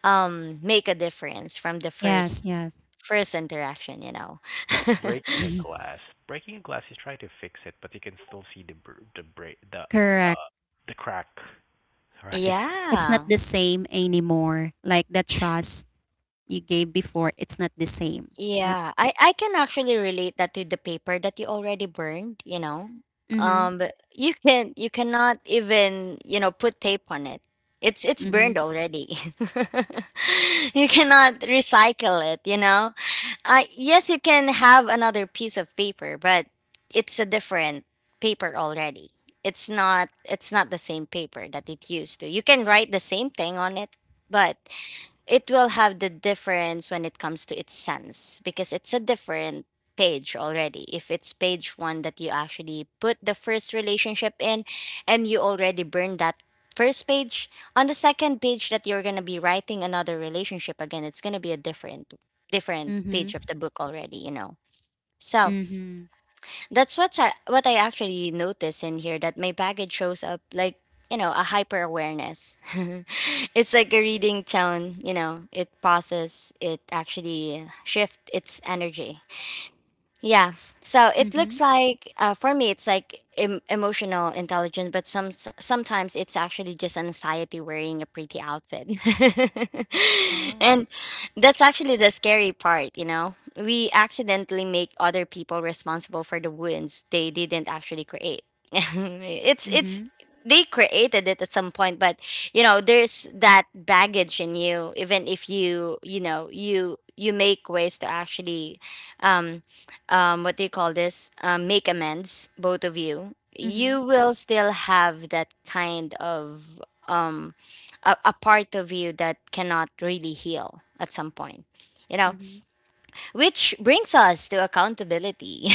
Speaker 1: make a difference from the
Speaker 3: Yes.
Speaker 1: first
Speaker 3: Yes.
Speaker 1: first interaction, you know.
Speaker 2: It's like breaking a
Speaker 3: Mhm.
Speaker 2: glass. Breaking a glass, you try to fix it, but you can still see the br- the break
Speaker 3: Correct.
Speaker 2: the crack,
Speaker 3: I-
Speaker 2: right?
Speaker 3: It's not
Speaker 1: Yeah,
Speaker 3: the same anymore. Like the trust you gave before, it's not the same. Like.
Speaker 1: I can actually relate that to the paper that you already burned, you know.
Speaker 3: Mm-hmm.
Speaker 1: But you cannot even, you know, put tape on it. It's burned
Speaker 3: Mm-hmm.
Speaker 1: already. You cannot recycle it, you know. Yes, you can have another piece of paper, but it's a different paper already. It's not the same paper that it used to. You can write the same thing on it, but it will have the difference when it comes to its sense, because it's a different page already. If it's page one that you actually put the first relationship in, and you already burned that first page, on the second page that you're going to be writing another relationship again, it's going to be a different page
Speaker 3: Mm-hmm.
Speaker 1: of the book already, you know. So
Speaker 3: Mm-hmm.
Speaker 1: that's what I actually notice in here, that my baggage shows up like, you know, a hyper awareness. It's like a reading tone, you know, it pauses, it actually shift its energy. Yeah. So it
Speaker 3: Mm-hmm.
Speaker 1: looks like for me it's like emotional intelligence, but sometimes it's actually just anxiety wearing a pretty outfit. And
Speaker 3: Oh.
Speaker 1: that's actually the scary part, you know. We accidentally make other people responsible for the wounds they didn't actually create. It's
Speaker 3: Mm-hmm.
Speaker 1: they created it at some point, but you know, there's that baggage in you even if you know, you make ways to actually um what do you call this? Make amends, both of you. You
Speaker 3: Mm-hmm.
Speaker 1: will still have that kind of um, a part of you that cannot really heal at some point. You know,
Speaker 3: Mm-hmm.
Speaker 1: which brings us to accountability.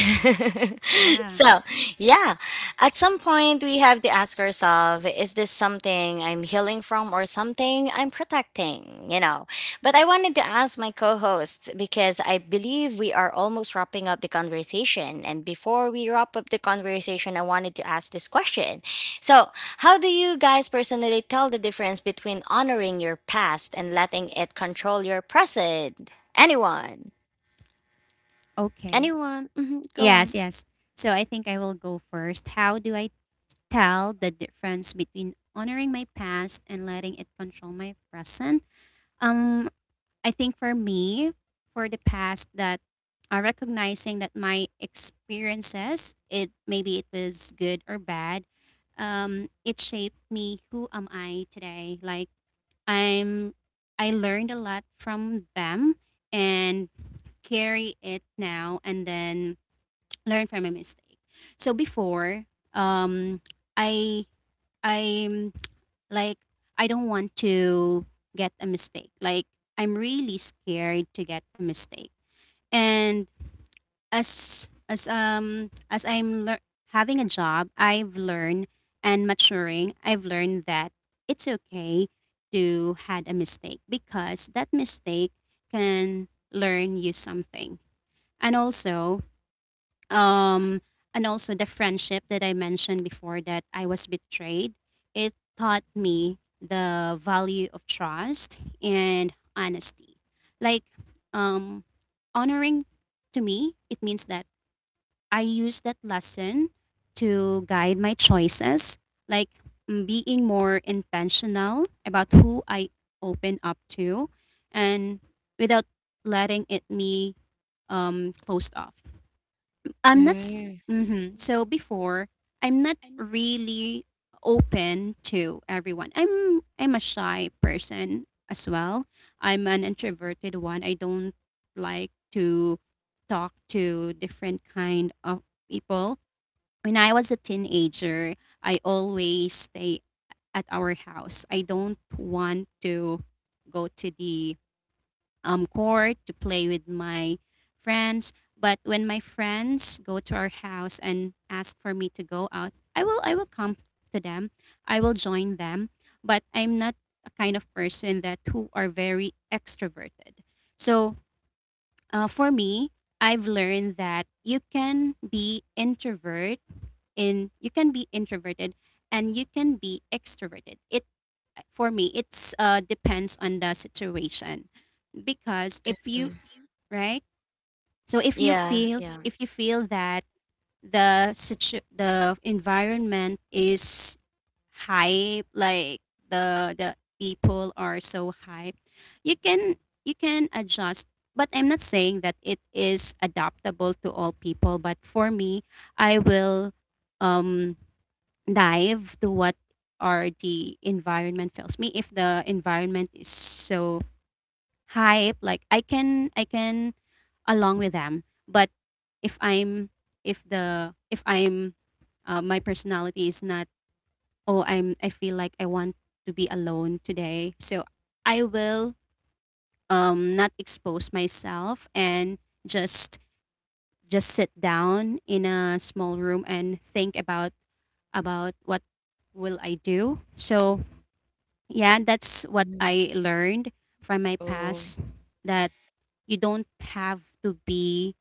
Speaker 3: Yeah.
Speaker 1: So, yeah, at some point we have to ask ourselves, is this something I'm healing from or something I'm protecting, you know? But I wanted to ask my co host because I believe we are almost wrapping up the conversation. And before we wrap up the conversation, I wanted to ask this question. So, how do you guys personally tell the difference between honoring your past and letting it control your present? Anyone?
Speaker 3: Okay.
Speaker 1: Anyone? Hmm. Go
Speaker 3: Yes,
Speaker 1: on.
Speaker 3: yes. So I think I will go first. How do I tell the difference between honoring my past and letting it control my present? Um, I think for me, for the past that recognizing that my experiences, it maybe it was good or bad, it shaped me who am I today. Like I'm I learned a lot from them and carry it now and then learn from my mistake. So before, um, I I'm like I don't want to get a mistake. Like I'm really scared to get a mistake. And as I'm having a job, I've learned and maturing, I've learned that it's okay to had a mistake because that mistake can learn you something. And also, um and also the friendship that I mentioned before that I was betrayed, it taught me the value of trust and honesty. Like, um honoring, to me it means that I use that lesson to guide my choices, like, mm, being more intentional about who I open up to and without letting it me closed off. I'm not.
Speaker 1: Mm-hmm.
Speaker 3: Mhm. So before, I'm not really open to everyone. I'm a shy person as well. I'm an introverted one. I don't like to talk to different kind of people. When I was a teenager, I always stay at our house. I don't want to go to the court to play with my friends. But when my friends go to our house and ask for me to go out, I will come to them. I will join them. But I'm not a kind of person that who are very extroverted. So for me, I've learned that you can be introvert in you can be introverted and you can be extroverted. It for me it's depends on the situation because if you right? So if you
Speaker 1: Yeah,
Speaker 3: feel
Speaker 1: yeah.
Speaker 3: if you feel that the the environment is hype, like the people are so hype, you can you can adjust. But I'm not saying that it is adaptable to all people. But for me, I will um, dive to what are the environment fails me if the environment is so hype, like I can along with them. But if i'm if I'm my personality is not, oh, I feel like I want to be alone today, so I will not expose myself and just just sit down in a small room and think about what will I do. So yeah, that's what
Speaker 1: Mhm.
Speaker 3: I learned from my
Speaker 1: Oh,
Speaker 3: past, that you don't have to be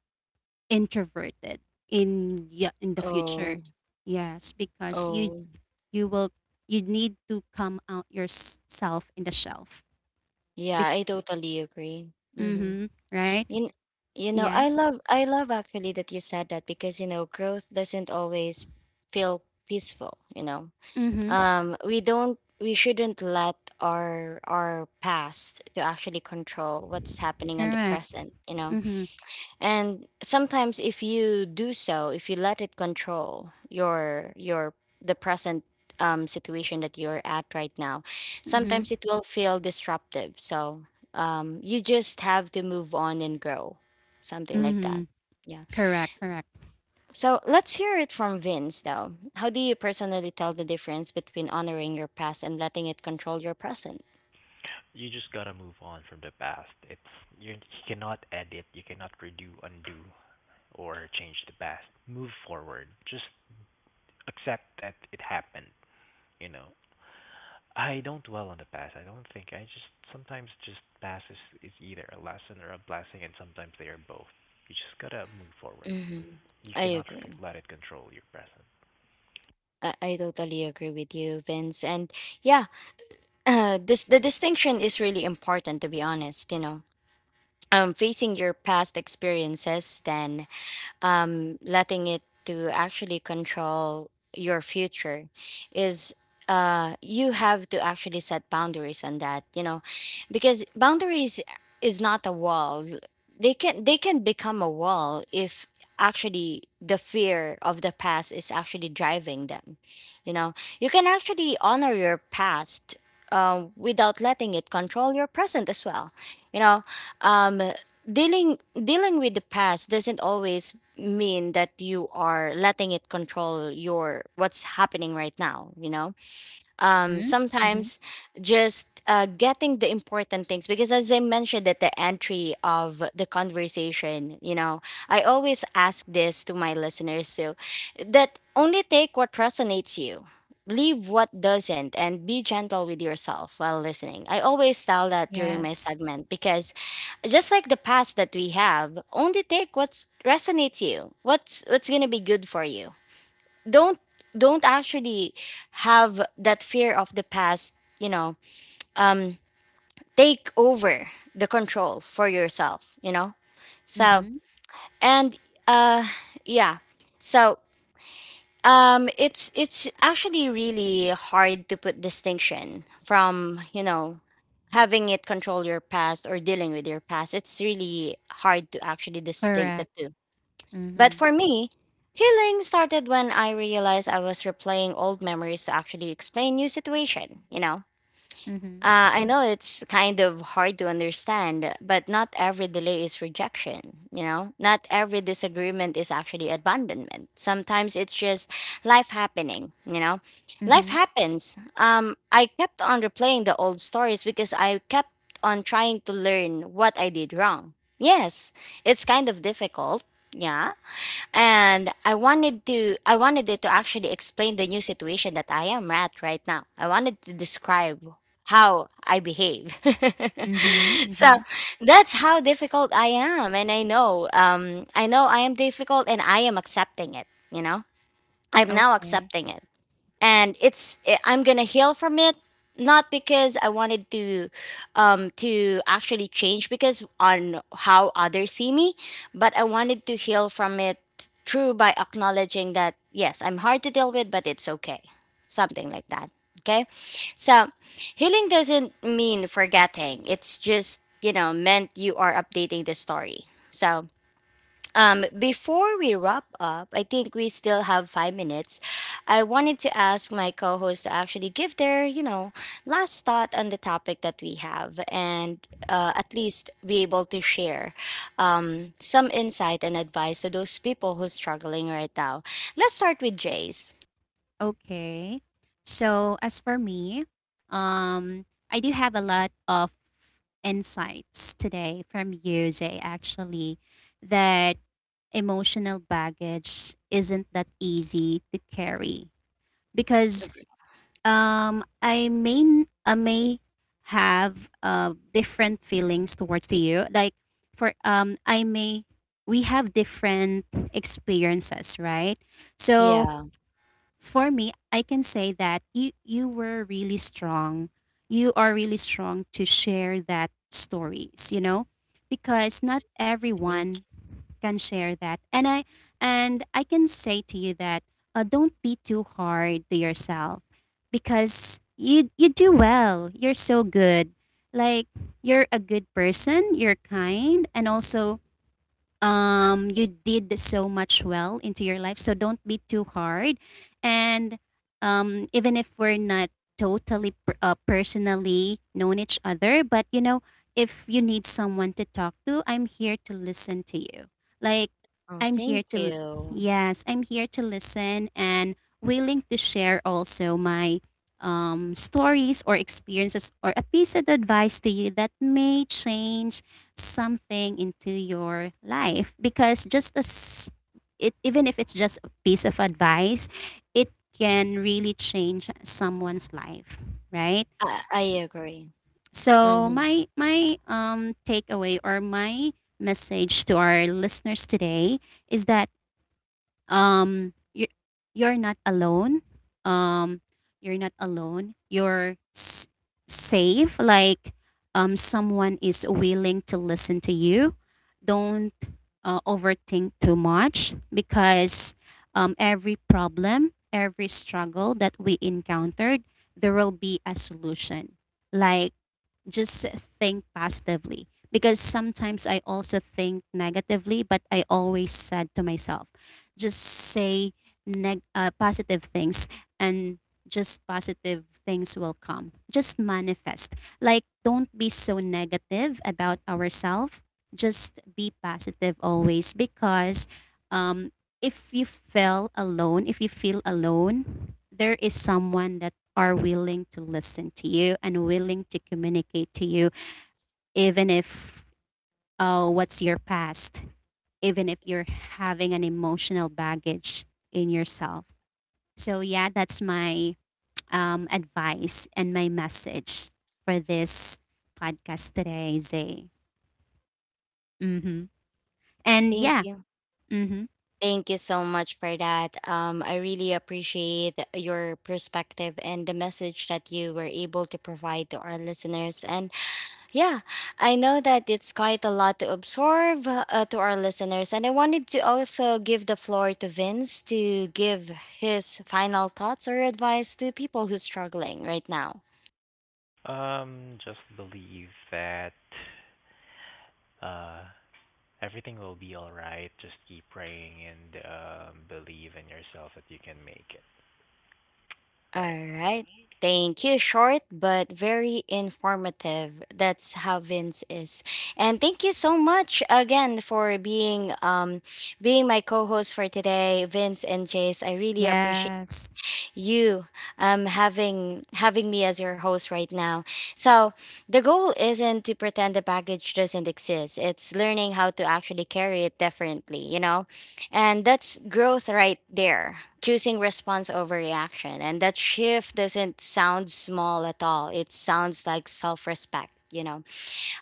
Speaker 3: introverted in the
Speaker 1: oh,
Speaker 3: future. Yes, because you
Speaker 1: oh.
Speaker 3: you will, you need to come out yourself in the shelf.
Speaker 1: Yeah,
Speaker 3: Be-
Speaker 1: I totally agree. Mm-hmm.
Speaker 3: mm-hmm, right?
Speaker 1: You, you know,
Speaker 3: Yes.
Speaker 1: I love actually that you said that, because, you know, growth doesn't always feel peaceful, you know.
Speaker 3: Mm-hmm.
Speaker 1: We don't, we shouldn't let our past to actually control what's happening on the
Speaker 3: Correct.
Speaker 1: present, you know.
Speaker 3: Mm-hmm.
Speaker 1: And sometimes if you do so, if you let it control your the present, situation that you're at right now,
Speaker 3: Mm-hmm.
Speaker 1: sometimes it will feel disruptive. So you just have to move on and grow, something like that.
Speaker 3: Mm-hmm.
Speaker 1: Yeah.
Speaker 3: Correct. Correct.
Speaker 1: So let's hear it from Vince, though. How do you personally tell the difference between honoring your past and letting it control your present?
Speaker 2: You just gotta move on from the past. You cannot edit, you cannot redo, undo, or change the past. Move forward. Just accept that it happened. You know, I don't dwell on the past. I don't think. I just, sometimes, just past is either a lesson or a blessing, and sometimes they are both. You just gotta move forward.
Speaker 1: Hmm.
Speaker 2: You
Speaker 1: I
Speaker 2: cannot
Speaker 1: agree.
Speaker 2: let it control your present.
Speaker 1: I totally agree with you, Vince. And yeah, this the distinction is really important to be honest, you know. Facing your past experiences then letting it to actually control your future is you have to actually set boundaries on that, you know, because boundaries is not a wall. They can become a wall if actually the fear of the past is actually driving them. You know, you can actually honor your past without letting it control your present as well. You know, um, dealing with the past doesn't always mean that you are letting it control your what's happening right now, you know. Um,
Speaker 3: Mm-hmm. Mm-hmm.
Speaker 1: sometimes just getting the important things, because as I mentioned at the entry of the conversation, you know, I always ask this to my listeners too, that only take what resonates you, leave what doesn't, and be gentle with yourself while listening. I always tell that during my
Speaker 3: Yes.
Speaker 1: segment, because just like the past that we have, only take what resonates you, what's gonna be good for you. don't don't actually have that fear of the past, you know. um Take over the control for yourself, you know. So
Speaker 3: Mm-hmm.
Speaker 1: and uh, yeah, so um, it's actually really hard to put distinction from, you know, having it control your past or dealing with your past. It's really hard to actually distinct the
Speaker 3: Correct.
Speaker 1: two. But
Speaker 3: Mm-hmm.
Speaker 1: for me, healing started when I realized I was replaying old memories to actually explain new situation, you know?
Speaker 3: Mm-hmm.
Speaker 1: I know it's kind of hard to understand, but not every delay is rejection, you know? Not every disagreement is actually abandonment. Sometimes it's just life happening, you know? Life
Speaker 3: Mm-hmm.
Speaker 1: happens. I kept on replaying the old stories because I kept on trying to learn what I did wrong. Yes, it's kind of difficult, yeah, and I wanted it to actually explain the new situation that I am at right now. I wanted to describe how I behave.
Speaker 3: Mm-hmm.
Speaker 1: So
Speaker 3: Mm-hmm.
Speaker 1: that's how difficult I am, and I know, um, I know I am difficult and I am accepting it, you know. I'm now
Speaker 3: Okay.
Speaker 1: accepting it, and I'm gonna heal from it, not because I wanted to actually change because on how others see me, but I wanted to heal from it through by acknowledging that yes, I'm hard to deal with, but it's okay, something like that. Okay, so healing doesn't mean forgetting, it's just, you know, meant you are updating the story. So before we wrap up, I think we still have 5 minutes. I wanted to ask my co-host to actually give their, you know, last thought on the topic that we have, and at least be able to share some insight and advice to those people who's struggling right now. Let's start with Jace.
Speaker 3: Okay. So as for me, um, I do have a lot of insights today from you, Zay, actually, that emotional baggage isn't that easy to carry because I may have different feelings towards to you. Like for I may, we have different experiences, right? So
Speaker 1: Yeah.
Speaker 3: for me, I can say that you were really strong. You are really strong to share that stories, you know, because not
Speaker 1: Thank.
Speaker 3: everyone can share that. And I can say to you that don't be too hard to yourself, because you do well. You're so good. Like, you're a good person, you're kind, and also you did so much well into your life. So don't be too hard. And even if we're not personally known each other, but you know, if you need someone to talk to, I'm here to listen to you. Like,
Speaker 1: Oh,
Speaker 3: I'm here
Speaker 1: thank
Speaker 3: to,
Speaker 1: you.
Speaker 3: yes, I'm here to listen and willing to share also my stories or experiences or a piece of advice to you that may change something into your life, because just as it, even if it's just a piece of advice, it can really change someone's life, right?
Speaker 1: I agree.
Speaker 3: So
Speaker 1: Hmm.
Speaker 3: my takeaway or my message to our listeners today is that you, you're not alone. um you're not alone, you're safe. Like someone is willing to listen to you. Don't overthink too much because every problem, every struggle that we encountered, there will be a solution. Like, just think positively, because sometimes I also think negatively, but I always said to myself, just say positive things, and just positive things will come. Just manifest. Like, don't be so negative about ourselves. Just be positive always, because um, if you feel alone, there is someone that are willing to listen to you and willing to communicate to you, even if what's your past, even if you're having an emotional baggage in yourself. So yeah, that's my advice and my message for this podcast today, Zay. Mm-hmm. And
Speaker 1: Thank
Speaker 3: yeah,
Speaker 1: you.
Speaker 3: mm-hmm,
Speaker 1: Thank you so much for that. I really appreciate your perspective and the message that you were able to provide to our listeners. And yeah, I know that it's quite a lot to absorb to our listeners. And I wanted to also give the floor to Vince to give his final thoughts or advice to people who's struggling right now.
Speaker 2: Just believe that uh everything will be all right. Just keep praying and believe in yourself that you can make it. Right.
Speaker 1: All right. Thank you. Short but very informative. That's how Vince is. And thank you so much again for being um, my co-host for today, Vince and Jace. I really appreciate
Speaker 3: yes,
Speaker 1: you having me as your host right now. So the goal isn't to pretend the baggage doesn't exist. It's learning how to actually carry it differently, you know, and that's growth right there. Choosing response over reaction, and that shift doesn't sound small at all. It sounds like self respect, you know.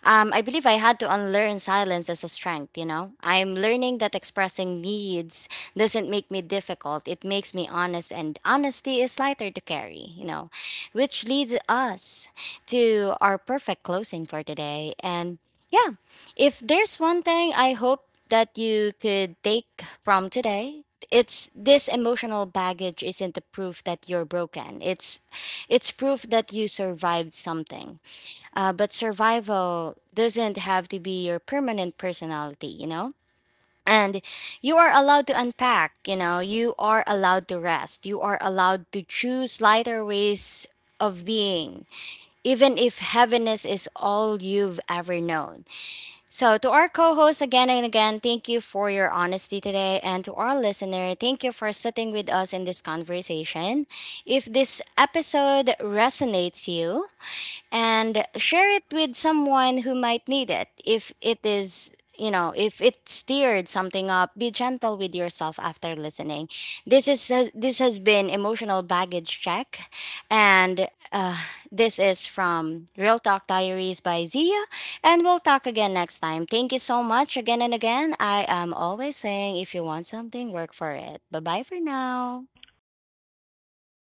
Speaker 1: Um, I believe I had to unlearn silence as a strength, you know? I'm learning that expressing needs doesn't make me difficult, it makes me honest, and honesty is lighter to carry, you know? Which leads us to our perfect closing for today. And yeah, if there's one thing I hope that you could take from today, it's this: emotional baggage isn't the proof that you're broken. It's proof that you survived something, but survival doesn't have to be your permanent personality, you know? And you are allowed to unpack, you know, you are allowed to rest, you are allowed to choose lighter ways of being, even if heaviness is all you've ever known. So, to our co host again and again, thank you for your honesty today. And to our listener, thank you for sitting with us in this conversation. If this episode resonates you, and share it with someone who might need it. If it is, you know, if it stirred something up, be gentle with yourself after listening. This has been Emotional Baggage Check, and this is from Real Talk Diaries by Zia, and we'll talk again next time. Thank you so much again and again. I am always saying, if you want something, work for it. Bye bye for now.
Speaker 2: Bye.
Speaker 3: yes.